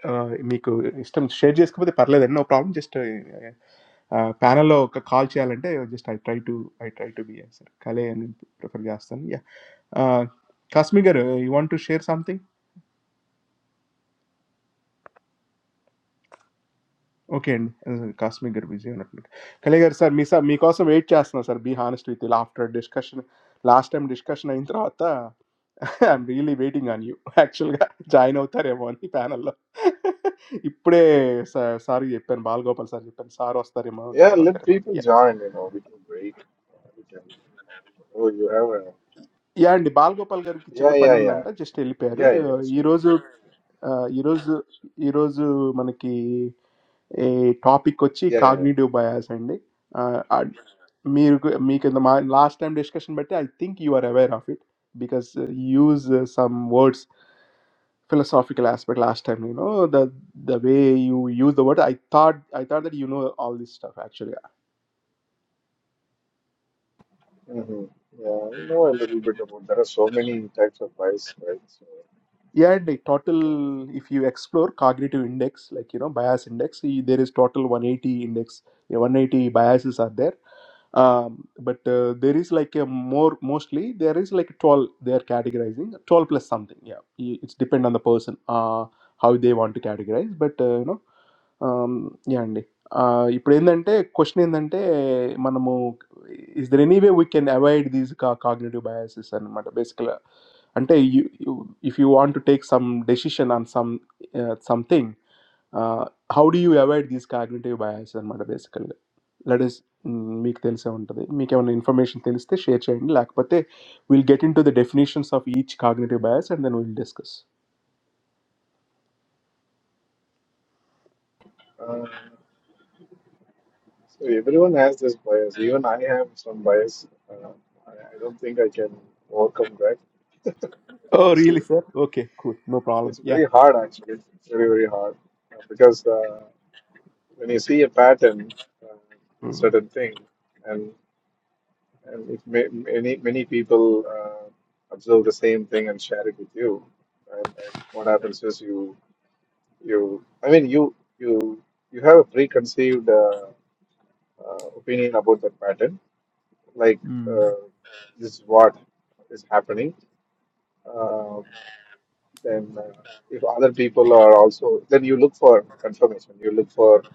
A: Ah, me system. Sir, just give me the parle there. No problem. Just ah panel or call challenge or just I try to I try to be sir. Khale I mean preferably Aston. Yeah. Customer, you want to share something? Okay, customer, Vijayonath. Hello, sir. Me, sir, me, also waiting just now, sir. Be honest with you. After discussion, last time discussion, I enjoyed. I'm really waiting on you. Actually, join out there. Only panel. इप्परे सारी ये पन बालगोपाल सारी पन सारों स्तरे में
D: yeah,
A: जान
D: let
A: उतरे में
D: people
A: ये
D: join. You know, we can wait. Uh, we can. Oh, you have a.
A: यार इंडी बालगोपाल करूं किचन न
D: Yeah, yeah,
A: पैनल
D: yeah,
A: नंटा जस्ट टेली पेरो
D: yeah, yeah. yeah, Sure, sure.
A: इरोज़ इरोज़ इरोज़ मन की A topic which is
D: Yeah, yeah. yeah.
A: cognitive bias, and I mean, I mean, the last time discussion, but I think you are aware of it because use some words philosophical aspect last time. You know the the way you use the word. I thought I thought that you know all this stuff actually.
D: Mm-hmm. Yeah, I know a little bit about. There are so many types of bias, right? So.
A: Yeah, and like total, if you explore cognitive index, like you know, bias index, y- there is total 180 index, you know, 180 biases are there. Um, but uh, there is like a more mostly there is like 12 they are categorizing 12 plus something. Yeah, Y- it's depend on the person uh, how they want to categorize. But uh, you know, um, yeah, and ఇప్పుడు ఏంటంటే question ఏంటంటే మనము is there any way we can avoid these cognitive biases అనమాట basically until you, if you want to take some decision on some something, how do you avoid these cognitive biases? And basically, let us make till sir wonder day. Make our information till is the share share end. Like butte, we'll get into the definitions of each cognitive bias, and then we'll discuss.
D: uh, So everyone has this bias. Even I have some bias. Uh, I, I don't think I can overcome that.
A: Oh
D: Honestly,
A: really, sir? Okay, cool. No problem.
D: it's
A: Yeah.
D: very hard. Actually, it's very very hard Uh, because uh, when you see a pattern uh, in certain thing, and and if ma- many many people uh, observe the same thing and share it with you, and what happens is you you I mean you you you have a preconceived uh, uh, opinion about that pattern like uh, this is what is happening, uh, then uh, if other people are also, then you look for confirmation. You look for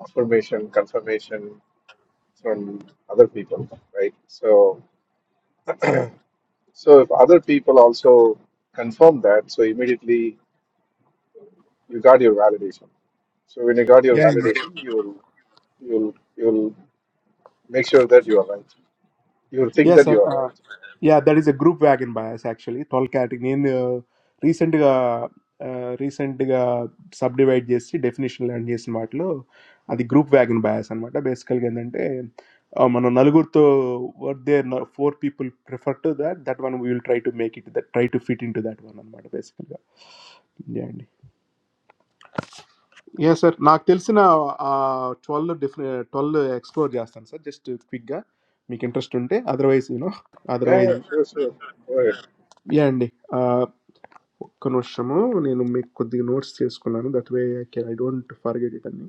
D: affirmation, confirmation from other people, right? So, so if other people also confirm that, so immediately you got your validation. So when you got your validation, you'll you'll you'll make sure that you are right. You'll think
A: Yes,
D: that
A: sir.
D: you are
A: Uh,
D: right.
A: Yeah, that is a group wagon bias actually. Tall category in recent, recent subdivide JST definition land JST smartly. That group wagon bias. I'm basically. And if, I mean, a lot of people prefer that. That one we will try to make it. Try to fit into that one. Basically, yeah, sir. I think that's a tall explore JST, sir. Just quick. I'm interested. Otherwise, you know.
D: Yeah, yeah,
A: Otherwise.
D: sure, sure. Go ahead.
A: యా అండి ఆ, ఒక్క నిమిషము నేను మీకు కొద్దిగా notes చేసుకున్నాను that way I can I don't forget it అండి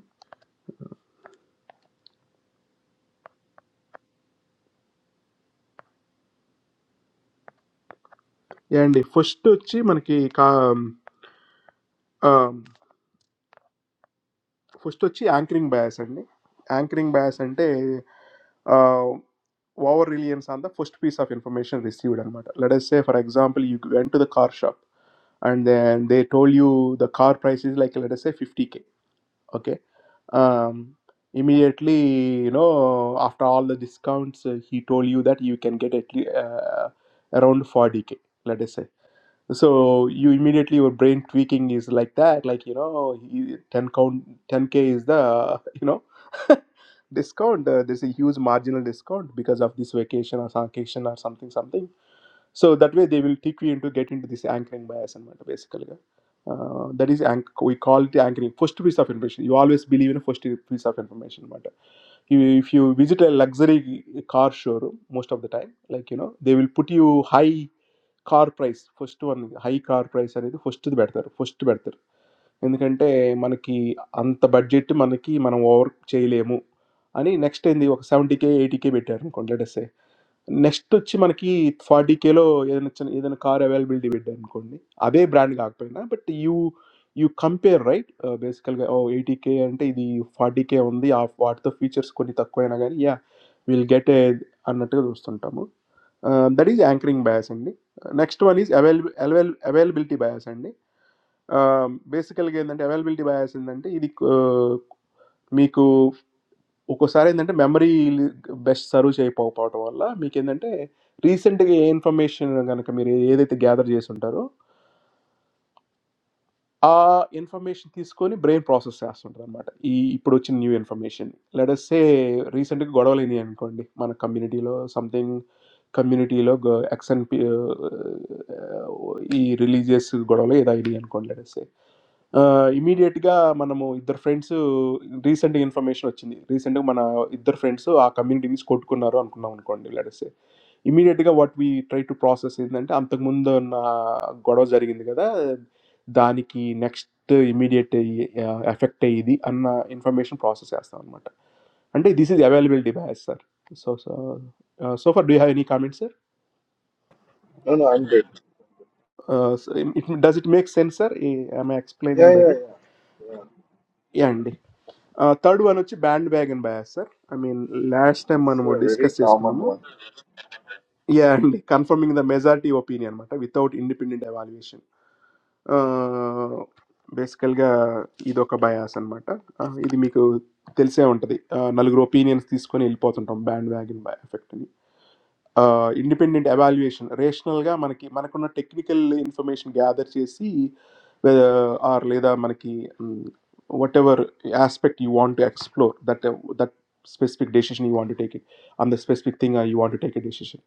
A: యా అండి ఫస్ట్ వచ్చి మనకి కా ఫస్ట్ వచ్చి యాంకరింగ్ బయాస్ అండి యాంకరింగ్ బయాస్ అంటే over reliance on the first piece of information received అనమాట let say for example you went to the car shop and then they told you the car price is like let say fifty okay um immediately you know after all the discounts uh, he told you that you can get at least uh, around 40k let us say so you immediately your brain tweaking is like that like you know you- 10 count 10k is the you know discount uh, there's a huge marginal discount because of this vacation or vacation or something something so that way they will trick you into get into this anchoring bias and matter basically yeah. uh, that is anch- we call it anchoring first piece of information you always believe in a first piece of information matter you, if you visit a luxury car showroom most of the time like you know they will put you high Car price, first one high car price. I mean, first it better, first better. In the other, man, ki ant budget, man, ki man, work. Cheely, I mu ani next, in the seventy k, eighty k better. I mean, consider this. Next to it, man, ki 40 kilo, ye dunichan, ye dun car availability be done korni. Abey brand gak paena, but you you compare right, basically, or 80 k, andte idhi 40 k, ondi ap what the features korni takkwa na gani? Yeah, we'll get a another doshtonta mu. That is anchoring bias andni. Next one is avail availability bias andni. Basically, andte availability bias andni, idhi micro. उको सारे नंटे memory best सारू चाहिए power out वाला मी के नंटे recent के information अगर मेरे ये देते gather जाये सुन्दरो आ information थी इसको नी brain process आया सुन्दर मात्रा ये इपरोचन new information let us say recent के गड़ले नी आनको नी माना community लो something community लोग accent ये religious गड़ले ये दायरी आनको let us say. Immediatega manamo idhar friends recent information achindi recentga mana idhar friendso a community is caught ko naro amku naun koindi let us say immediatega what we try to process is naante amta mundan gadasari kelega daani ki next immediate effect eiidi anna information process yaasta amata ande this is available device sir so so so far do you have any comment sir
D: No, no, I'm good.
A: does it make sense sir am I explaining
D: Yeah, yeah,
A: better
D: yeah. Yeah,
A: ande Uh, third one వచ్చి bandwagon bias, sir. I mean, last time
D: this is
A: మనం
D: a very
A: discuss
D: common
A: చేసుకున్నాము.
D: one.
A: Yeah, and confirming the majority opinion అనమాట without independent evaluation. Uh, basically గా ఇదొక bias అనమాట. Uh, ఇది మీకు తెలిసే ఉంటది. Uh, నలుగురు opinions తీసుకొని వెళ్ళిపోతుంటాం band wagon by effect Independent evaluation, rational, क्या मानकी मानकों ना technical information gather से सी वे आर लेदा मानकी whatever aspect you want to explore that that specific decision you want to take it on the specific thing you want to take a decision.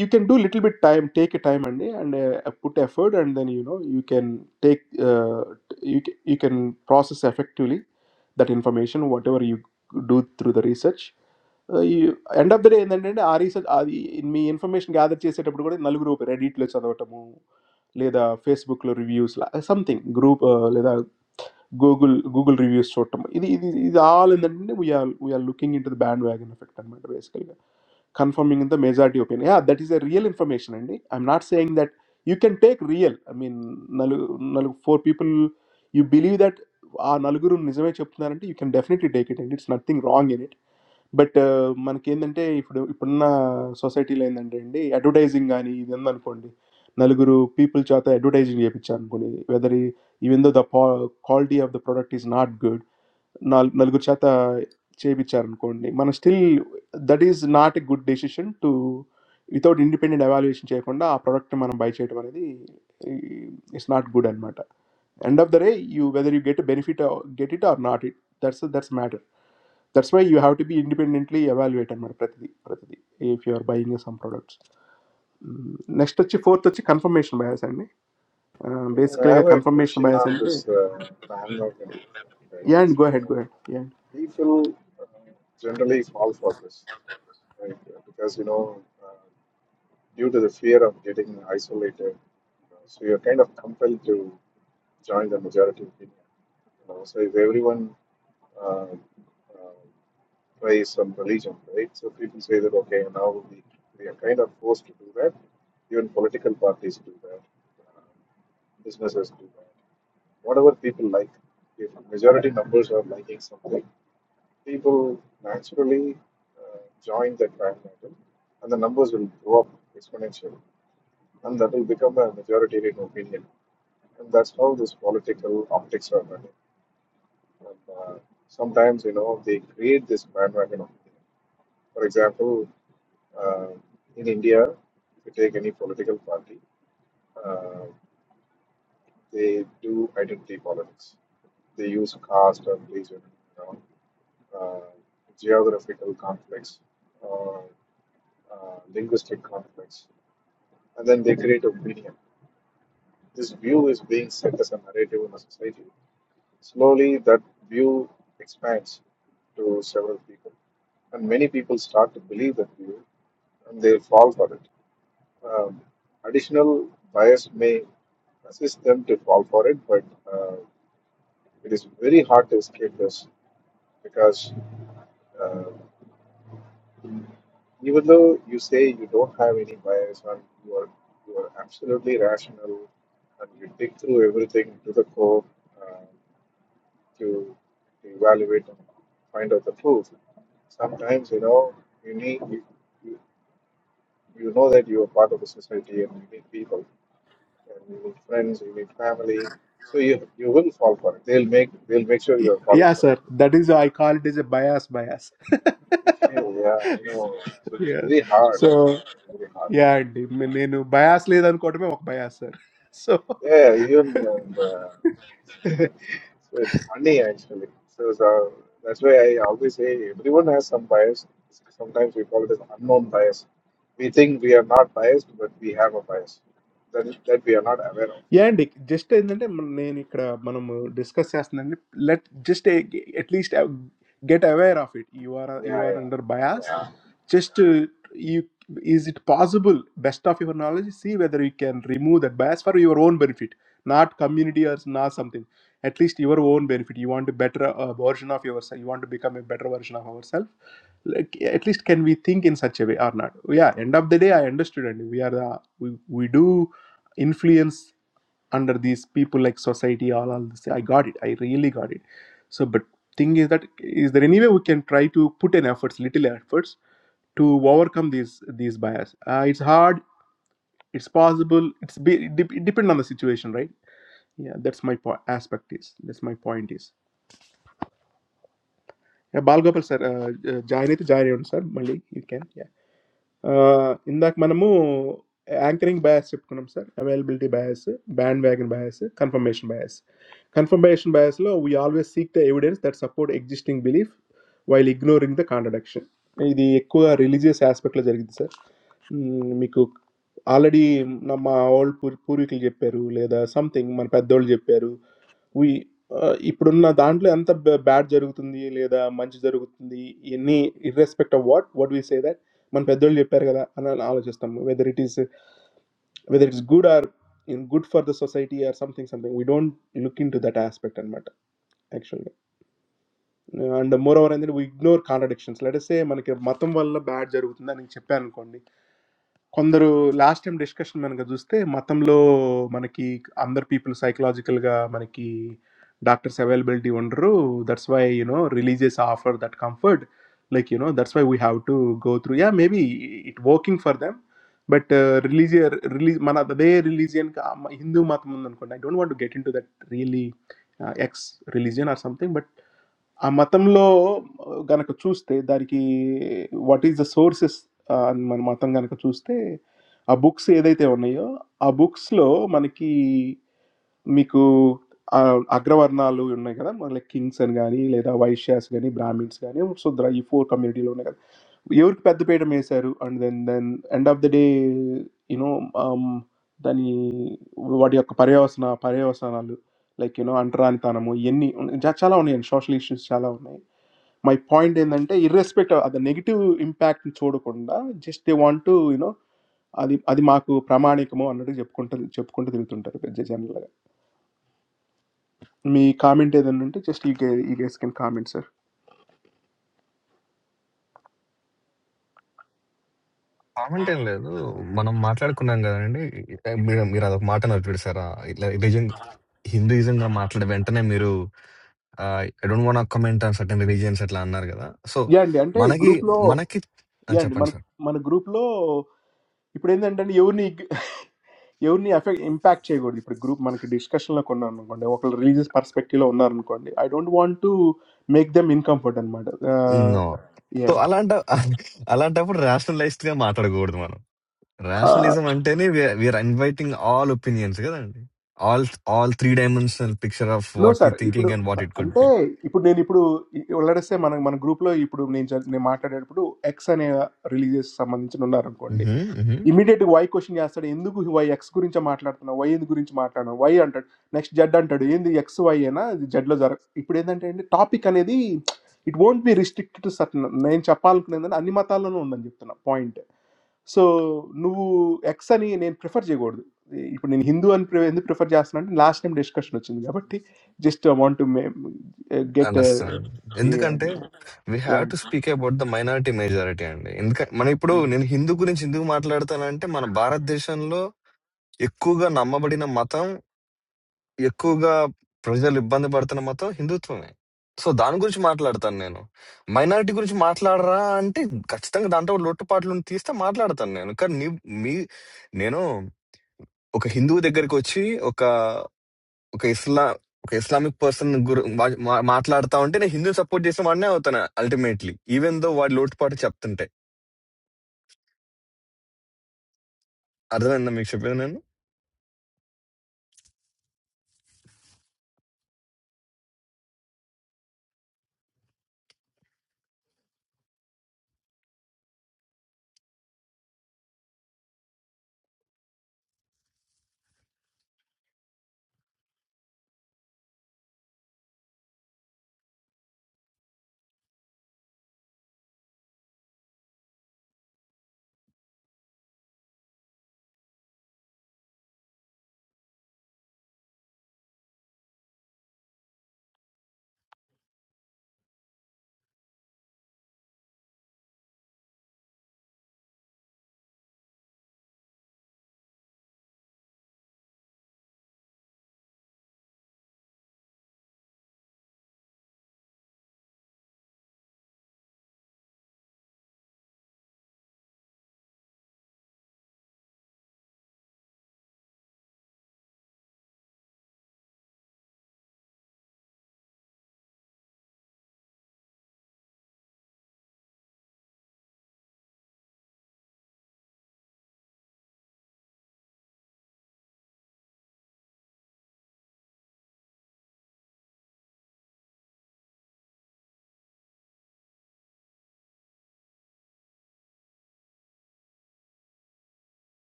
A: You can do little bit time, take a time and and uh, put effort and then you know you can take uh, you ca- you can process effectively that information whatever you do through the research. Uh, You end up there. And then, and then, are you such? I mean, information gatherer. You say, "What do you go to?" Naluguru open, edit lechada. What am I? Like the Facebook lo reviews, something group. Like the Google Google reviews. What am I? This, this, this all. And then, we are we are looking into the bandwagon effect. That means basically confirming in the major opinion. Yeah, that is a real information. I'm not saying that you can take real. I mean, naluguru for people you believe that. Ah, naluguru nizame chupna nanti. You can definitely take it, and it's nothing wrong in it. But man, even today, if you see the society line, that's it. Advertising, ani, that's all. For that, many people, people, chatta advertising, ye pichan, koni. Whether even though the quality of the product is not good, naal, naal, gur chatta che pichan koni. Man, still that is not a good decision to without independent evaluation, chey konda a product, man, buy chey, tovandi. It's not good, and matter. End of the day, you whether you get a benefit or get it or not, it that's that's matter that's why you have to be independently evaluated మరి ప్రతిదీ ప్రతిదీ if you are buying some products hmm. next వచ్చి fourth వచ్చి confirmation bias అండి Uh,
D: Because
A: basically
D: I
A: గా
D: have a
A: confirmation
D: question
A: bias
D: on
A: అంటే
D: this uh, pan organism, right?
A: yeah and
D: So
A: go ahead go ahead yeah
D: people uh, generally fall for this, right? Because you know. uh, due to the fear of getting isolated. You know, so you're kind of compelled to join the majority opinion. You know, so if everyone uh, uh, prays some religion, right? So people say that okay, now we, we are kind of forced to do that. Even political parties do that. Uh, businesses do that. Whatever people like, if majority numbers are liking something, people naturally uh, join the crime battle, and the numbers will grow up exponentially, and that will become a majoritarian opinion, and that's how this political optics are running. And, uh, sometimes you know they create this bandwagon opinion. For example, uh, in India, if you take any political party, uh, they do identity politics they use caste and religion, you know, uh, geographical conflicts. uh, uh, linguistic conflicts, and then they create opinion. This view is being set as a narrative in a society. Slowly, that view expands to several people, and many people start to believe that view and they fall for it. Um, additional bias may assist them to fall for it, but uh, it is very hard to escape this because. uh, Even though you say you don't have any bias or you are you are absolutely rational and you dig through everything to the core uh, to, to evaluate and find out the truth. Sometimes you know you need you, you, you know that you are part of a society and you need people and you need friends, you need family. So you you will fall for it. They'll make they'll make sure you
A: Y-
D: are falling
A: yeah
D: for
A: sir
D: it.
A: that is i call it as a bias bias
D: yeah, I know. So it's
A: yeah
D: really hard
A: so
D: actually. Really hard.
A: yeah అండి మే- నేను bias లేదనుకోవటమే ఒక bias sir so
D: Yeah, even um, uh, so it's funny actually. So, so that's why I always say everyone has some bias. Sometimes we call it as unknown bias. We think we are not biased, but we have a bias that that we are not aware of.
A: Yeah, and just that. Let me discuss that. Let just at least get aware of it. You are you
D: Yeah,
A: are
D: yeah,
A: under bias.
D: yeah.
A: Just you. Is it possible? Best of your knowledge, see whether you can remove that bias for your own benefit, not community or not something at least your own benefit you want a better a version of yourself you want to become a better version of ourselves like at least can we think in such a way or not yeah end of the day i understood and we are the, we, we do influence under these people like society all all this i got it i really got it so but thing is that is there any way we can try to put in efforts little efforts to overcome these these bias uh, it's hard it's possible it's be, it, dep- it depend on the situation right yeah that's my po- aspect is that's my point is yeah balgopal sir uh, uh, join it join on sir Mali, you can yeah Inda ek manmu anchoring bias ship kunam sir, availability bias, bandwagon bias, confirmation bias. Confirmation bias lo we always seek the evidence that support existing belief while ignoring the contradiction. ये इकोगा religious aspect लगेगी द sir. मी कुक आलरी नमा all पुर पुरी के जेब पेरु लेदा something मर पैदल जेब पेरु we, ah, ifronna dancele, antha bad jaru guthindi le da manch jaru guthindi. Any irrespective of what, what do we say that? Man pederle peregal a anal aalajastham. Whether it is whether it's good or good for the society or something something. We don't look into that aspect and matter actually. And more over, in that we ignore contradictions. Let us say, man ke matamvalle bad jaru guthna, ni chepen korni. Condero last time discussion, man, I think just that, matamlo, man, like, under people psychological, ga man, like, doctors availability, one, ro that's why you know, religious offer that comfort, like you know, that's why we have to go through. Yeah, maybe it working for them, but religious, release, man, the their religion, ka Hindu matamundan konai. Don't want to get into that really, X religion or something, but. ఆ మతంలో గనక చూస్తే దానికి what is the sources అని మన మతం గనక చూస్తే ఆ బుక్స్ ఏదైతే ఉన్నాయో ఆ బుక్స్లో మనకి Miku, ah, agrawar nalu yunnai kada. Mangalik kings ani leda vaisya ani brahmins ani. So, drayi four community lounai kada. You are paid the payment, sir. And then, then end of the day, you know, um, theni whatyakka pariyasna pariyasna nalu. Like you know, under anita nemo yenni. Ja chala oni social issues chala oni. My point is that irrespective of that negative impact, chodo konda. Just they want to, you know, adi adi maaku pramani kmo underi jab kontha jab kontha diluthundi taru. Jai jai nala. My comment is that, just you guys can comment, sir.
C: comment in le do. Manam maathal kunangga da nindi. Me, me ra do maathal twitter sa ra. Like different Hindu reason ka maathal eventane me ru. I don't want to comment on certain religions at lan nargeda. So
A: Yeah, and that group
C: managi
A: lo,
C: managi.
A: yeah,
C: Acha
A: man,
C: pancha.
A: man, group lo. Iprin that, that unique, unique effect impact chey gori. Ipr group man ke discussion lo konna unko ande. Oka religious perspective lo unna unko ande. I don't want to make them uncomfortable. Ah,
C: No.
A: yeah.
C: To aland da aland da purr rationalized le ka maathal gaurd mano.
A: Ah,
C: Rationalism ante nii we we inviting all opinions ge da nindi. All all three dimensional picture of
A: no,
C: what we
A: sir.
C: thinking
A: Ipr,
C: and what
A: that,
C: it
A: and
C: could be.
A: that. Ipr ne, Ipr ollarsay man, man group lo. Ipr ne ne mata de, Ipr extra ne religious saman ne unna unko ande.
C: Uh-huh. Uh-huh.
A: Immediate Y question is asked. Endu ko Y X ko rin chamaat larno. Why endu ko rin chamaat larno? Why under next jad under? Why X Y na jadlo zar. I present ende topic ani the it won't be restricted certain. I enda palu kuna enda ani matalano onda ni upturna point. So new X ani end prefer jigor. I present Hindu an prefer end prefer jasna end last time discussion achindiya. But the just want to get
C: Understand. In the context, we
A: yeah
C: have to speak about the minority-majority angle. In the meaning, now Hindu community is not the only one in the Indian nation. The majority of the population is Hindu. So, that's just one part of it. Minority is just one part. And the other part is the caste-based one. Because you, me, you know, either Hindu or. Okay, Islam. Okay, Islamic person. Gur. Ma. Ma. Matlaarta. Unche ne Hindu support jese mandya ho tana. Ultimately, even though our load part chapnte. Adhuna na mix up nai nai.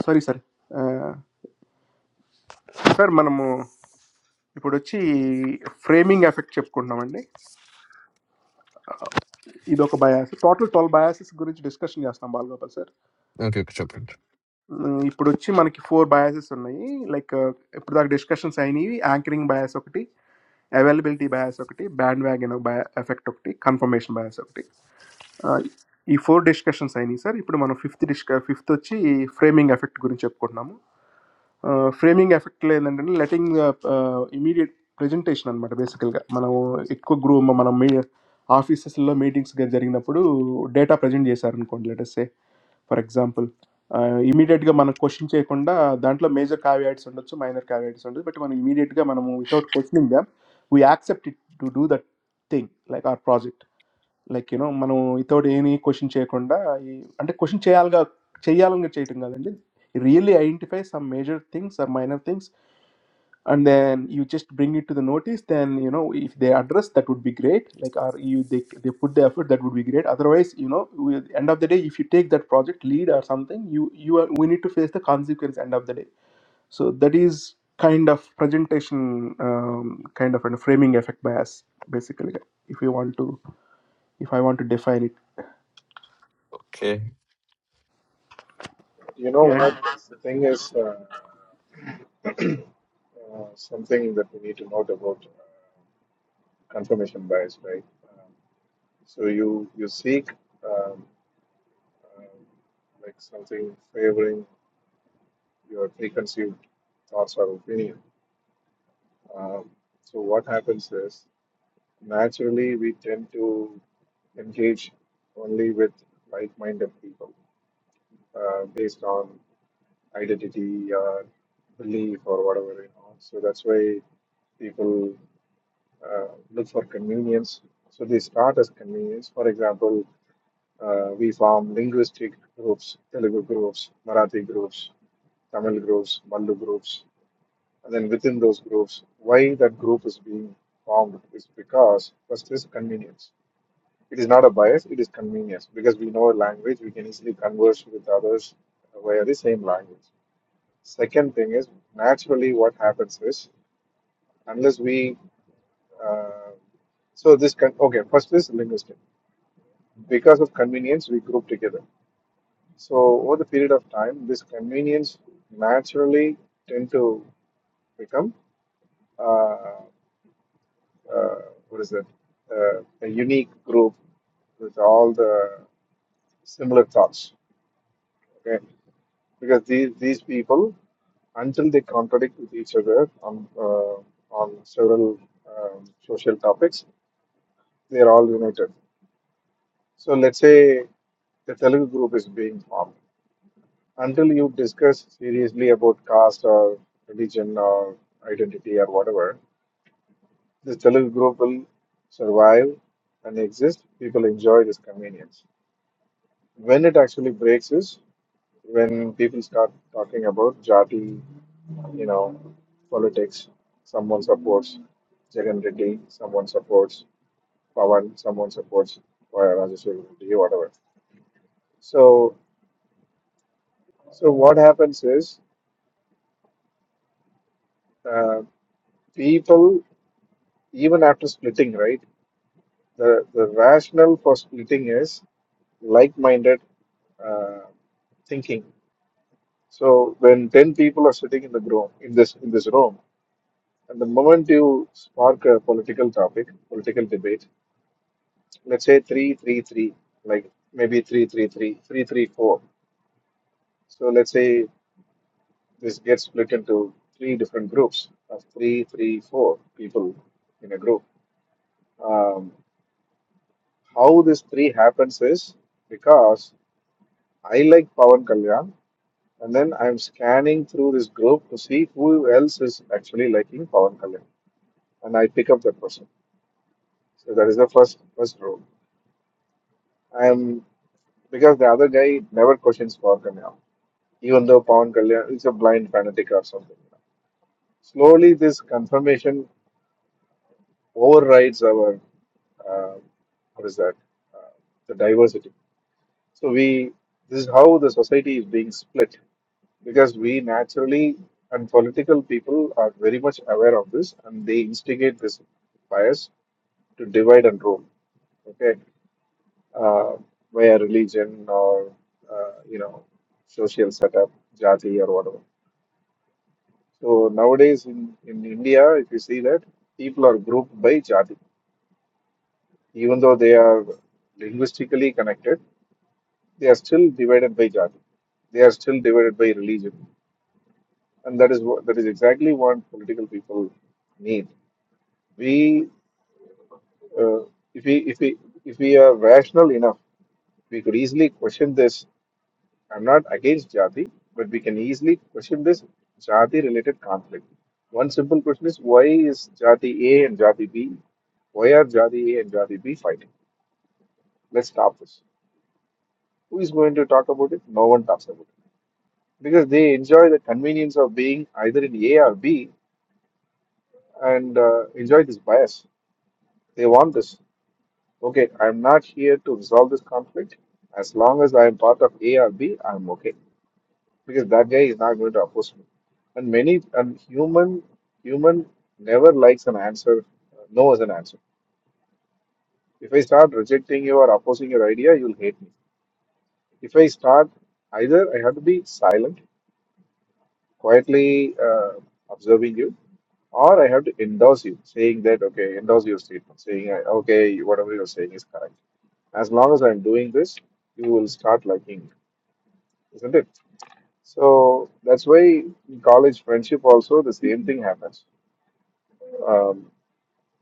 A: sorry sir sir manmo. यी पुरे अच्छी framing effect चेप करना मर्ने इधो का bias total tall bias इस गुरुज discussion की आसना बाल गा पसर
C: Okay, good chapnte.
A: यी पुरे अच्छी मान की four biases होना ही like यी पुरा डिस्कशन साइनी वी anchoring bias okay availability bias okay bandwagon bias effect okay confirmation bias okay E-four discussion signi sir. इपुरे मानो fifth discussion fifth तो ची framing effect गुरीचे अप करना मो framing effect ले लन्दन लेटिंग अ immediate presentation अन मट बेसिकल का मानो इको group मानो media offices लो meetings के जरिंग न पुडू data presentation cone लेटेसे for example immediate का मानो question चे कोन्दा दान्टलो major caveats अंडर्स माइनर caveats अंडर्स but मानो immediate का मानो movie तो क्वेश्चन नियम we accept it to do that thing like our project. Like you know, manu. Itau de ani question cheykon da. I, anta question chey alga, chey alunga cheytinggalendil. Really identify some major things or minor things, and then you just bring it to the notice. Then you know, if they address that, would be great. Like are you they they put the effort that would be great. Otherwise, you know, end of the day, if you take that project lead or something, you you are we need to face the consequence. End of the day, so that is kind of presentation, um, kind of and framing effect bias basically. If we want to, if I want to define it.
C: Okay.
D: You know what?
A: Yeah.
D: The thing is uh, uh, something that we need to note about uh, confirmation bias, right? Um, so you you seek um, um like something favoring your preconceived thoughts or opinion. Um, so what happens is naturally we tend to engage only with like-minded people uh, based on identity or belief or whatever you know. So that's why people uh, look for convenience. So they start as convenience. For example, uh, we form linguistic groups, Telugu groups, Marathi groups, Tamil groups, Mallu groups, And then within those groups, why that group is being formed is because first is convenience. It is not a bias, it is convenience. Because we know a language, we can easily converse with others via the same language. Second thing is naturally what happens is unless we uh, so this can okay first is linguistic. Because of convenience, we group together. So over the period of time, this convenience naturally tend to become. uh, uh, what is it? Uh, a unique group with all the similar thoughts. Okay, because these these people, until they contradict with each other on uh, on several um, social topics, they are all united. So let's say the Telugu group is being formed. Until you discuss seriously about caste or religion or identity or whatever, this Telugu group will survive and exist. People enjoy this convenience. when it actually breaks is when people start talking about jati, you know, politics. Someone supports Jagan Reddy, someone supports Pawan, someone supports Rajeshwar Reddy, whatever. So, so what happens is uh, people, even after splitting, right? The the rationale for splitting is like-minded uh, thinking. So when ten people are sitting in the room, in this in this room And the moment you spark a political topic, political debate, let's say three, three, three, like maybe three, three, three, three, three, four. So let's say this gets split into three different groups of three, three, four people in a group. Um, how this three happens is because I like Pawan Kalyan, and then I'm scanning through this group to see who else is actually liking Pawan Kalyan, and I pick up that person. So that is the first first rule. I'm because the other guy never questions Falcon now, even though Pawan Kalyan is a blind fanatic or something. Slowly, this confirmation overrides our uh, what is that? Uh, the diversity. So we this is how the society is being split because we naturally and political people are very much aware of this and they instigate this bias to divide and rule. Okay uh, via religion or uh, you know social setup, jati or whatever. So nowadays in, in India, if you see that people are grouped by jati, even though they are linguistically connected, they are still divided by jati. They are still divided by religion, and that is what that is exactly what political people need. We uh, if we if we if we are rational enough we could easily question this I'm not against Jati, but we can easily question this Jati related conflict. One simple question is why is Jati A and Jati B? Why are Jati A and Jati B fighting? Let's stop this. Who is going to talk about it? No one talks about it. Because they enjoy the convenience of being either in A or B and uh, enjoy this bias. They want this. Okay, I'm not here to resolve this conflict. As long as I am part of A or B, I'm okay. because that guy is not going to oppose me. And many and human human never likes an answer, uh, no as an answer. If I start rejecting you or opposing your idea, you'll hate me. If I start, either I have to be silent, quietly uh, observing you, or I have to endorse you, saying that okay, endorse your statement, saying uh, okay, whatever you're saying is correct. As long as I'm doing this, you will start liking me, isn't it? So that's why in college friendship also the same thing happens Um,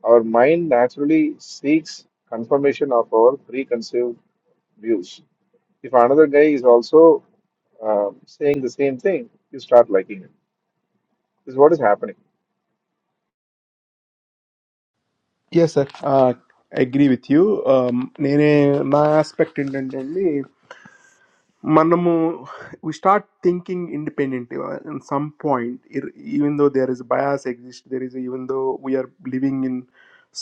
D: our mind naturally seeks confirmation of our preconceived views. If another guy is also um, saying the same thing, you start liking it. This is what is happening.
A: Yes, sir. Ah, agree with you. Um, another aspect independently. Man,um we start thinking independently. At some point, even though there is bias exist, there is even though we are living in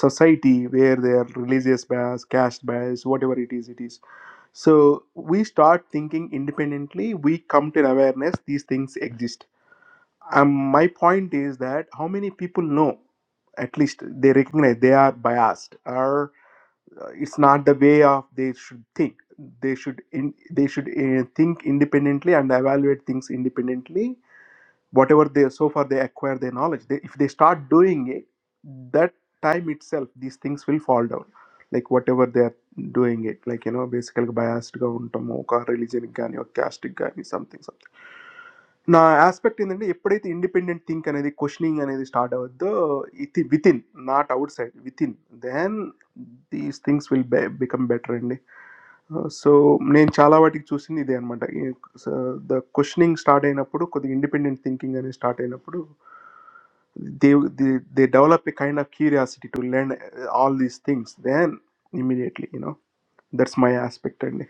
A: society where there are religious bias, caste bias, whatever it is, it is. So we start thinking independently. We come to an awareness these things exist. um, my point is that how many people know at least they recognize they are biased or uh, it's not the way of they should think they should in, they should uh, think independently and evaluate things independently whatever they so far they acquire their knowledge they, if they start doing it that time itself these things will fall down like whatever they are doing it like you know basically biased గా ఉంటాము ఒక religion కి కానీ ఒక caste కి కానీ something something now, aspect in that, if you create independent thinking, that questioning, that start the within, not outside, within, then these things will become better in that. So, when childhood choose any day or month, the questioning start in, or put the independent thinking, or start in, or they they develop a kind of curiosity to learn all these things, then immediately, you know, that's my aspect in that.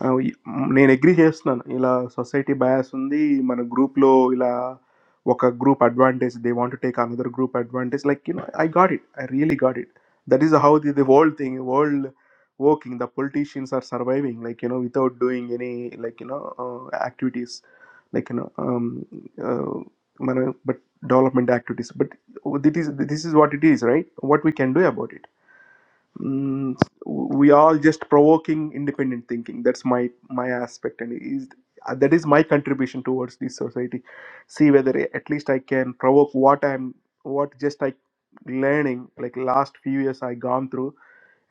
A: I mean, in Greece, no, no. If a society bias, some day, man, a group low, if a, what a group advantage they want to take another group advantage, like you know, I got it, I really got it. That is how the the world thing, world working. The politicians are surviving, like you know, without doing any, like you know, activities, like you know, man, but development activities. But this is this is what it is, right? What we can do about it mm, we are just provoking independent thinking that's my my aspect and is uh, that is my contribution towards this society see whether at least i can provoke what i'm what just i learning like last few years i gone through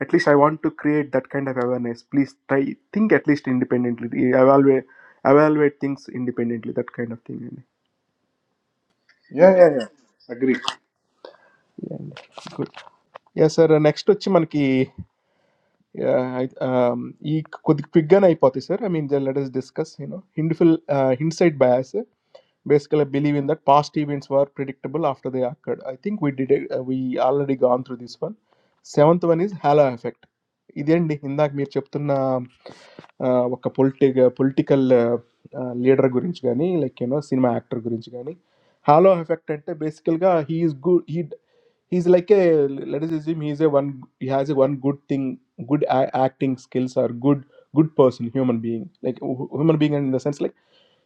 A: at least i want to create that kind of awareness please try think at least independently evaluate evaluate things independently that kind of thing
D: Yeah, yeah, yeah. Agree.
A: yeah good yes sir next వచ్చి మనకి Yeah, I, um, ee కొద్ది quick గానే అయిపోతాయి sir. I mean, let us discuss. You know, hindful uh, hindsight bias. eh, Basically, I believe in that past events were predictable after they occurred. I think we did it, uh, we already gone through this one. Seventh one is halo effect. ఇదేండి ఇందాక మీరు చెప్తున్న ఆ, ఒక పొలిటి political leader గురించి కానీ like you know cinema actor గురించి కానీ hollow effect అంటే బేసికల్గా he's good he he's like a let us assume he's a one he has a one good thing good a- acting skills or good good person human being like hu- human being in the sense like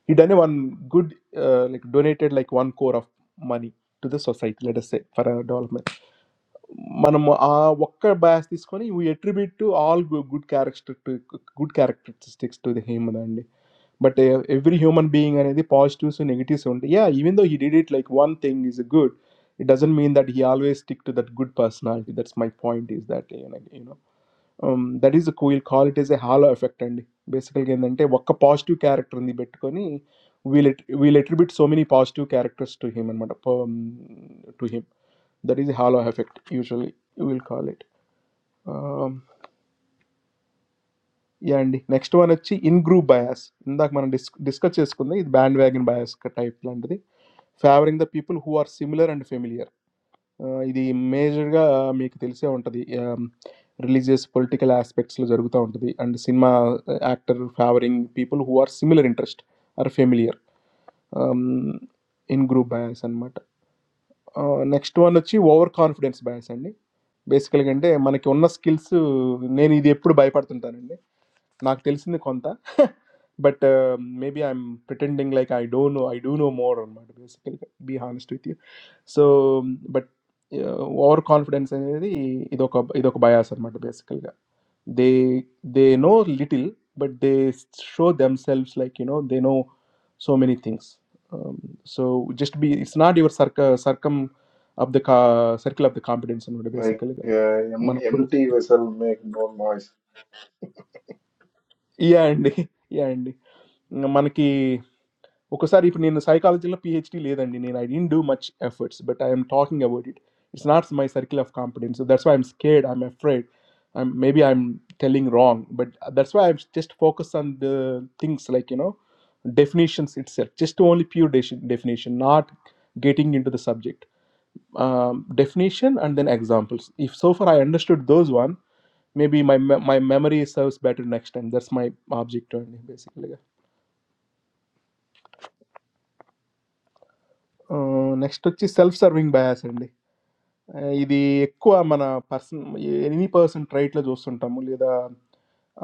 A: he done a one good uh, like donated like one core of money to the society let us say for a development Man, ah, whatever bias this is, we attribute to all good characteristics, good characteristics to the him alone. But every human being, any the positive, so negative. So, yeah, even though he did it like one thing is good, it doesn't mean that he always stick to that good personality. That's my point. Is that you know. That is we will call it as a halo effect. Andi basically, when that positive character ndi bettikoni, we will we little bit so many positive characters to him and what up to him. That is halo effect. Usually we will call it. Andi next one acchi in group bias. Ndaak manan discusses kundey. This bandwagon bias ka type landri, favoring the people who are similar and familiar. Ah, the major ga make that is our into the religious political aspects. Lo jogutha our into the and cinema actor favoring people who are similar interest are familiar. Um, in group bias and but next one ischi our confidence bias andni. Basically, gande manak ownna skills ne ni the put bypass than taani. Not telling you the content, but maybe I'm pretending like I don't know. I do know more. I might be honest with you. So, but our confidence in the ido ka ido ka bias are matter basically. They they know little, but they show themselves like you know they know so many things. Um, So just be. It's not your circum circum of the ca- circle of the competence. I know it
D: Like
A: basically.
D: uh, em-
A: Man, what?
D: empty vessel make more noise.
A: Yeah, indeed. Yeah, indeed. Man ki. Because I didn't psychology, I didn't do much efforts, but I am talking about it. It's not my circle of confidence, so that's why I'm scared. I'm afraid. Maybe I'm telling wrong, but that's why I'm just focus on the things like you know definitions itself, just to only pure de- definition, not getting into the subject Um, definition and then examples. If so far I understood those one, maybe my me- my memory serves better next time. That's my objective only, basically. Uh, Next, which is self-serving bias only. Any person tried to do something.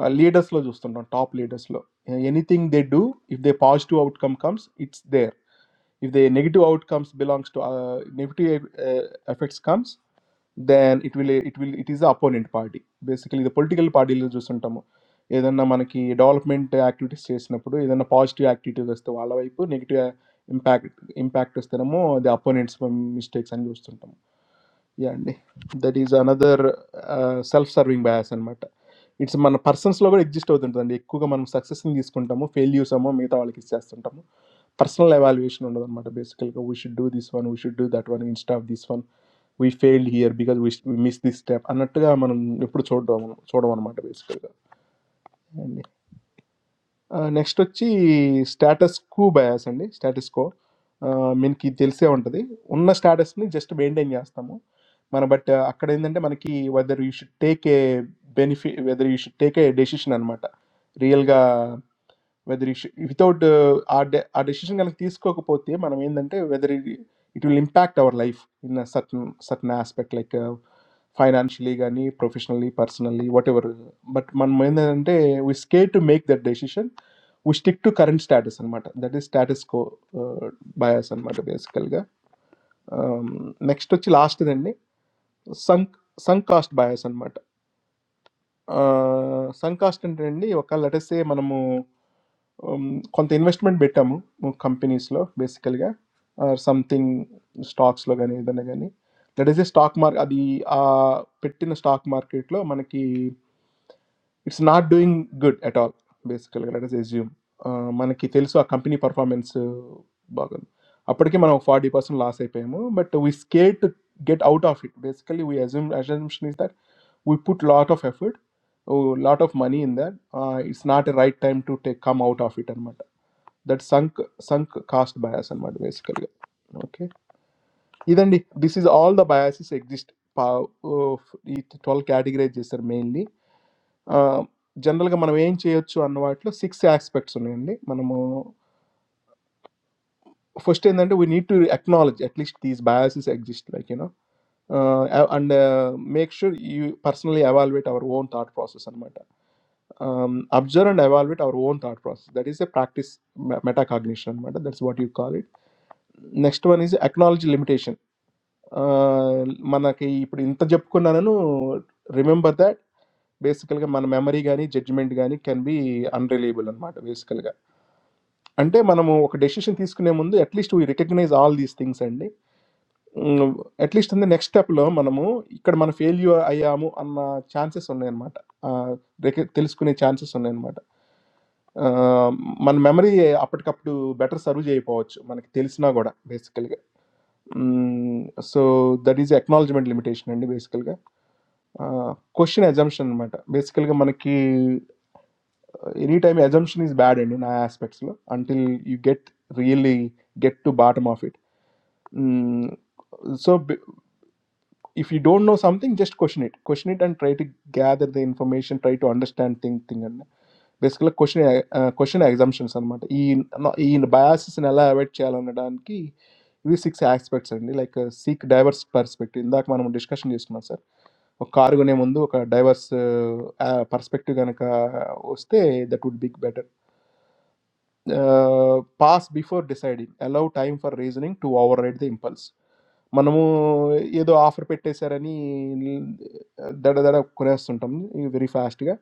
A: Leaders do something. Top leaders. Anything they do, if the positive outcome comes, it's there. If the negative outcome belongs to negative effects comes, then it will. It will. It is the opponent party. Basically, the political party does something. If they do development activities, they do. If they do positive activities, they do. If they do negative impact, impact, they do. The opponents make mistakes and do something. Yeah, that is another self-serving bias, and that it's man persons. Lovers exist out there. That one, if you guys are successing this, counta mo failures, amom, me ta valikisjaas, counta mo personal evaluation. Under the matter, basically, we should do this one. We should do that one instead of this one. We failed here because we missed this step. Another guy, man, you put short, short one, matter basically. Next अच्छी status को भाया सहने status को मैंने की दिल से आँटा थे उन्ना status में just बैंड है नहीं आस्तमो मानो but अकड़ इंदंते मान की whether you should take a benefit whether you should take a decision अनुमाता real का whether if without uh, our de- our decision, galat decision, ko kupo tiyeh manamayendante whether it it will impact our life in a certain certain aspect like uh, financially galni, professionally, personally, whatever. But manamayendante we scared to make that decision, we stick to current status and mata. That is status ko bias and mata basically. Next to chile last denne sunk sunk cost bias and mata. Ah, sunk cost syndrome. You know, like let us say, man, mu, um, some investment beta mu, mu companies, lor, basically, like, or something stocks, lor, ganey, this, ganey. Let us say, stock market, adi, ah, Pittin stock market, lor, man, ki, it's not doing good at all, basically, like, let us assume, ah, man, ki, still so a company performance, bargain. After that, man, we already person lost a penny, mu, but we scared to get out of it, basically. We assume, assumption is that. We put a lot of effort, a lot of money in that. Uh, It's not a right time to take come out of it. Amrita, that sunk sunk caste bias. Amrita, basically. Okay. Even this is all the biases exist. Of these all categories are mainly. General का मनोविज्ञान चेयोच्चु अनुवाद तलो six से aspects उन्हें मनोमो. First thing इन्हें तो we need to acknowledge at least these biases exist. Like you know, and make sure you personally evaluate our own thought process. Amrita. Absorb and evolve with our own thought process. That is a practice me- metacognition matter. That's what you call it. Next one is acknowledge limitation. माना कि इन तज्जब को ना no remember that basically माना memory गानी judgment गानी can be unreliable अन्माटा basically अंटे मानमो ओके decision थीस कुने मुन्दे at least तू ही recognize all these things अंडे at least तंदे next step लो मानमो इकड़ मानम fail you आया आमो अन्ना chances उन्नेर माटा तेलस कुने chances उन्नेर माटा. Man memory, aapat ka apnu better saru jei paoch. Man k thelis na gora basically. So that is acknowledgement limitation de basically. Question assumption mat basically man k. Anytime assumption is bad de na aspects lo until you get really get to bottom of it. So. If you don't know something, just question it. Question it and try to gather the information. Try to understand thing thingerne. Basically, like question uh, question examination sir. No, in bias is another avoid challenge. And that is we seek aspects like seek diverse perspective. In that manner, discussion use sir. Or carry more mindo. Car diverse perspective ganaka. Oste that would be better. Uh, Pass before deciding. Allow time for reasoning to override the impulse. मानूँ ये दो offer पेट्टे सेरनी दरा दरा कुरेस चंटम ये very fast ठग.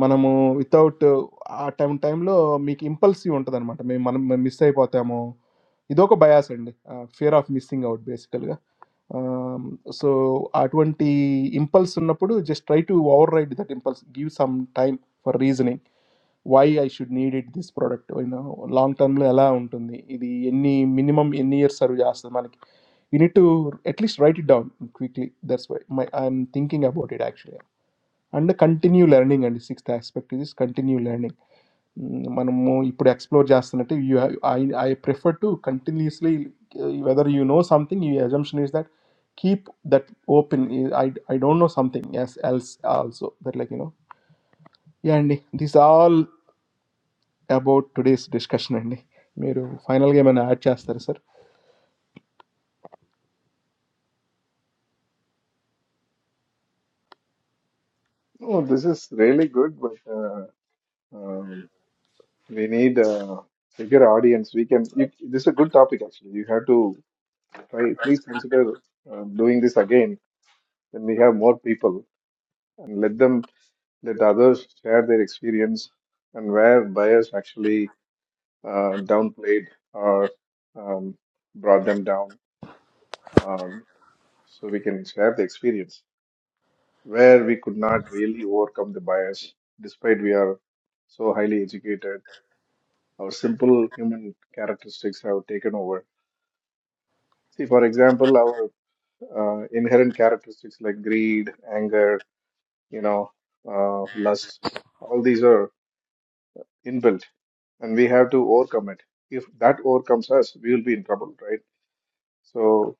A: मानूँ without a time time लो मैं क impulsive उन्नत नहीं मटे मैं मानूँ मिस्से पाते हमो ये दो को बायास अंडे fear of missing out basically. So at one time impulsive न पड़ो just try to override the impulse. Give some time for reasoning. Why I should need it? This product, you know, long term le alla onto me. If the any minimum any year salary asked, I mean, you need to at least write it down quickly. That's why I'm thinking about it actually. And the continue learning and sixth aspect is continue learning. Mano mo, if you explore just alternative, you I I prefer to continuously. Whether you know something, the assumption is that keep that open. I I don't know something. Yes, else also that like you know. Yeah, indeed. These all. About today's discussion, andni. My final game, I have a chance, sir.
D: No, this is really good, but uh, um, we need a bigger audience. We can. You, this is a good topic actually. You have to try. Please consider uh, doing this again. Then we have more people and let them. Let others share their experience and where bias actually uh, downplayed or um, brought them down. Um, so we can share the experience where we could not really overcome the bias, despite we are so highly educated. Our simple human characteristics have taken over. See, for example, our uh, inherent characteristics like greed, anger, you know, uh, lust, all these are inbuilt and we have to overcome it. If that overcomes us, we will be in trouble, right? So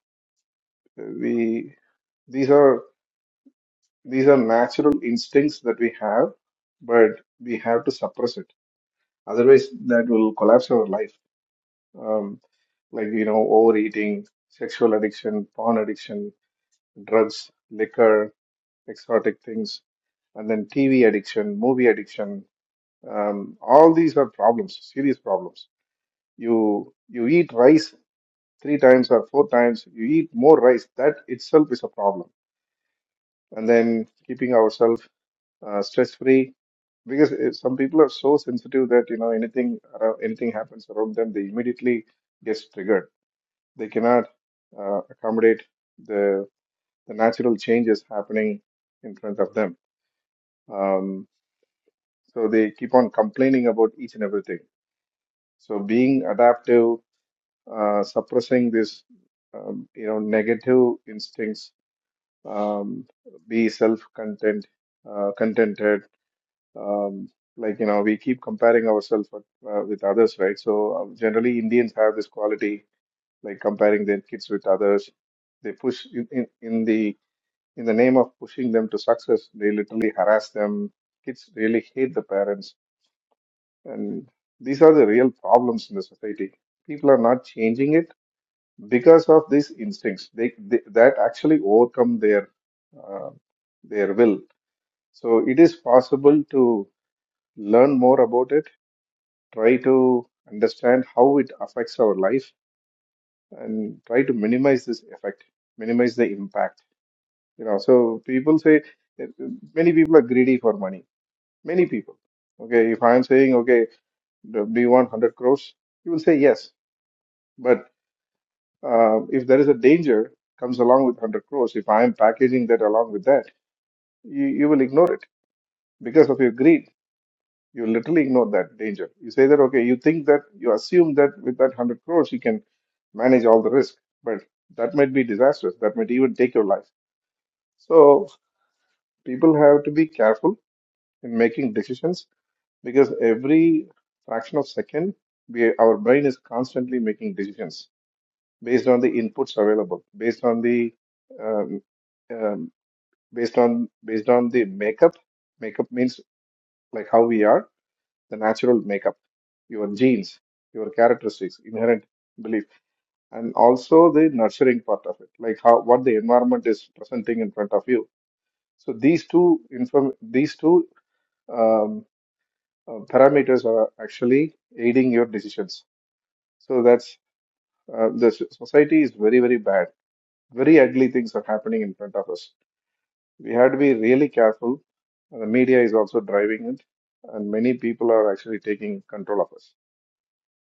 D: uh, we these are these are natural instincts that we have, but we have to suppress it. Otherwise, that will collapse our life. Um, like you know, overeating, sexual addiction, porn addiction, drugs, liquor, exotic things, and then TV addiction, movie addiction. Um, all these are problems, serious problems. You you eat rice three times or four times you eat more rice that itself is a problem and then keeping ourselves uh, stress free because it, some people are so sensitive that you know anything around, anything happens around them they immediately gets triggered they cannot uh, accommodate the the natural changes happening in front of them um, so they keep on complaining about each and everything so being adaptive uh, suppressing this um, you know negative instincts um, be self-content, uh, contented. Um, like you know, we keep comparing ourselves with, uh, with others, right? So uh, generally, Indians have this quality, like comparing their kids with others. They push in, in, in the in the name of pushing them to success. They literally harass them. Kids really hate the parents, and these are the real problems in the society. People are not changing it because of these instincts. They, they that actually overcome their uh, their will so it is possible to learn more about it, try to understand how it affects our life, and try to minimize this effect, minimize the impact. You know, so people say eh, many people are greedy for money. Many people. Okay, if I am saying, okay, do do you want 100 crores? You will say yes. But uh, if there is a danger comes along with 100 crores, if I am packaging that along with that, you, you will ignore it because of your greed You literally ignore that danger. You say that, okay, you think that you assume that with that 100 crores, you can manage all the risk, but that might be disastrous. That might even take your life. So people have to be careful in making decisions because every fraction of second, we, our brain is constantly making decisions based on the inputs available, based on the um, um, based on based on the makeup. Makeup means like how we are the natural makeup, your genes, your characteristics, inherent belief, and also the nurturing part of it, like how what the environment is presenting in front of you. So these two inform these two um, uh, parameters are actually aiding your decisions. So that's uh, the s- society is very very bad. Very ugly things are happening in front of us. We have to be really careful. The media is also driving it, and many people are actually taking control of us.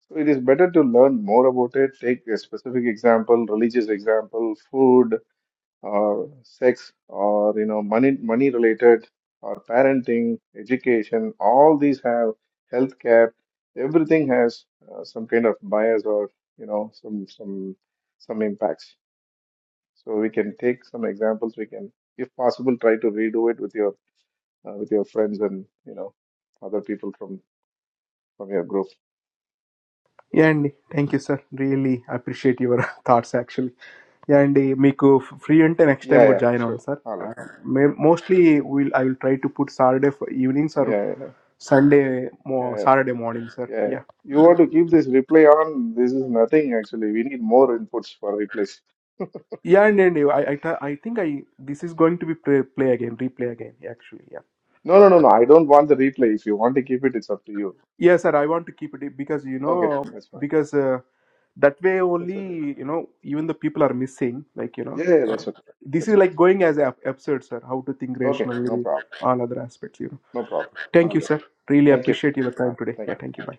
D: So it is better to learn more about it, take a specific example, religious example, food or sex or you know money money related or parenting, education, all these have healthcare, everything has uh, some kind of bias or you know some some some impacts. So we can take some examples. We can, if possible, try to redo it with your uh, with your friends and you know other people from from your group.
A: Andni. Thank you, sir. Really appreciate your thoughts, actually. Andni. Make a free time next
D: Yeah,
A: time. Go
D: yeah,
A: join on,
D: sure.
A: sir.
D: All right.
A: Mostly, will I will try to put Saturday evenings
D: Yeah,
A: or
D: yeah,
A: Sunday
D: yeah.
A: mo
D: yeah.
A: Saturday morning, sir.
D: Yeah,
A: Yeah.
D: you want to keep this replay on? This is nothing actually. We need more inputs for replays.
A: Yeah, no, no. I I think I this is going to be play again, replay again, actually. Yeah.
D: No, no, no, no. I don't want the replay. If you want to keep it, it's up to you.
A: Yes, sir. I want to keep it because you
D: Okay,
A: know
D: that's fine.
A: because that way
D: That's okay.
A: only you know even the people are missing, like you know.
D: Yeah, yeah, that's okay.
A: This is
D: That's okay.
A: like going as an episode, sir. How to think
D: Okay, no
A: rationally,
D: problem.
A: all other aspects, you know.
D: No problem.
A: Thank
D: All
A: you,
D: right.
A: sir. Really
D: Thank you.
A: appreciate your
D: Bye.
A: time today.
D: Thank you.
A: Yeah, thank you. Bye.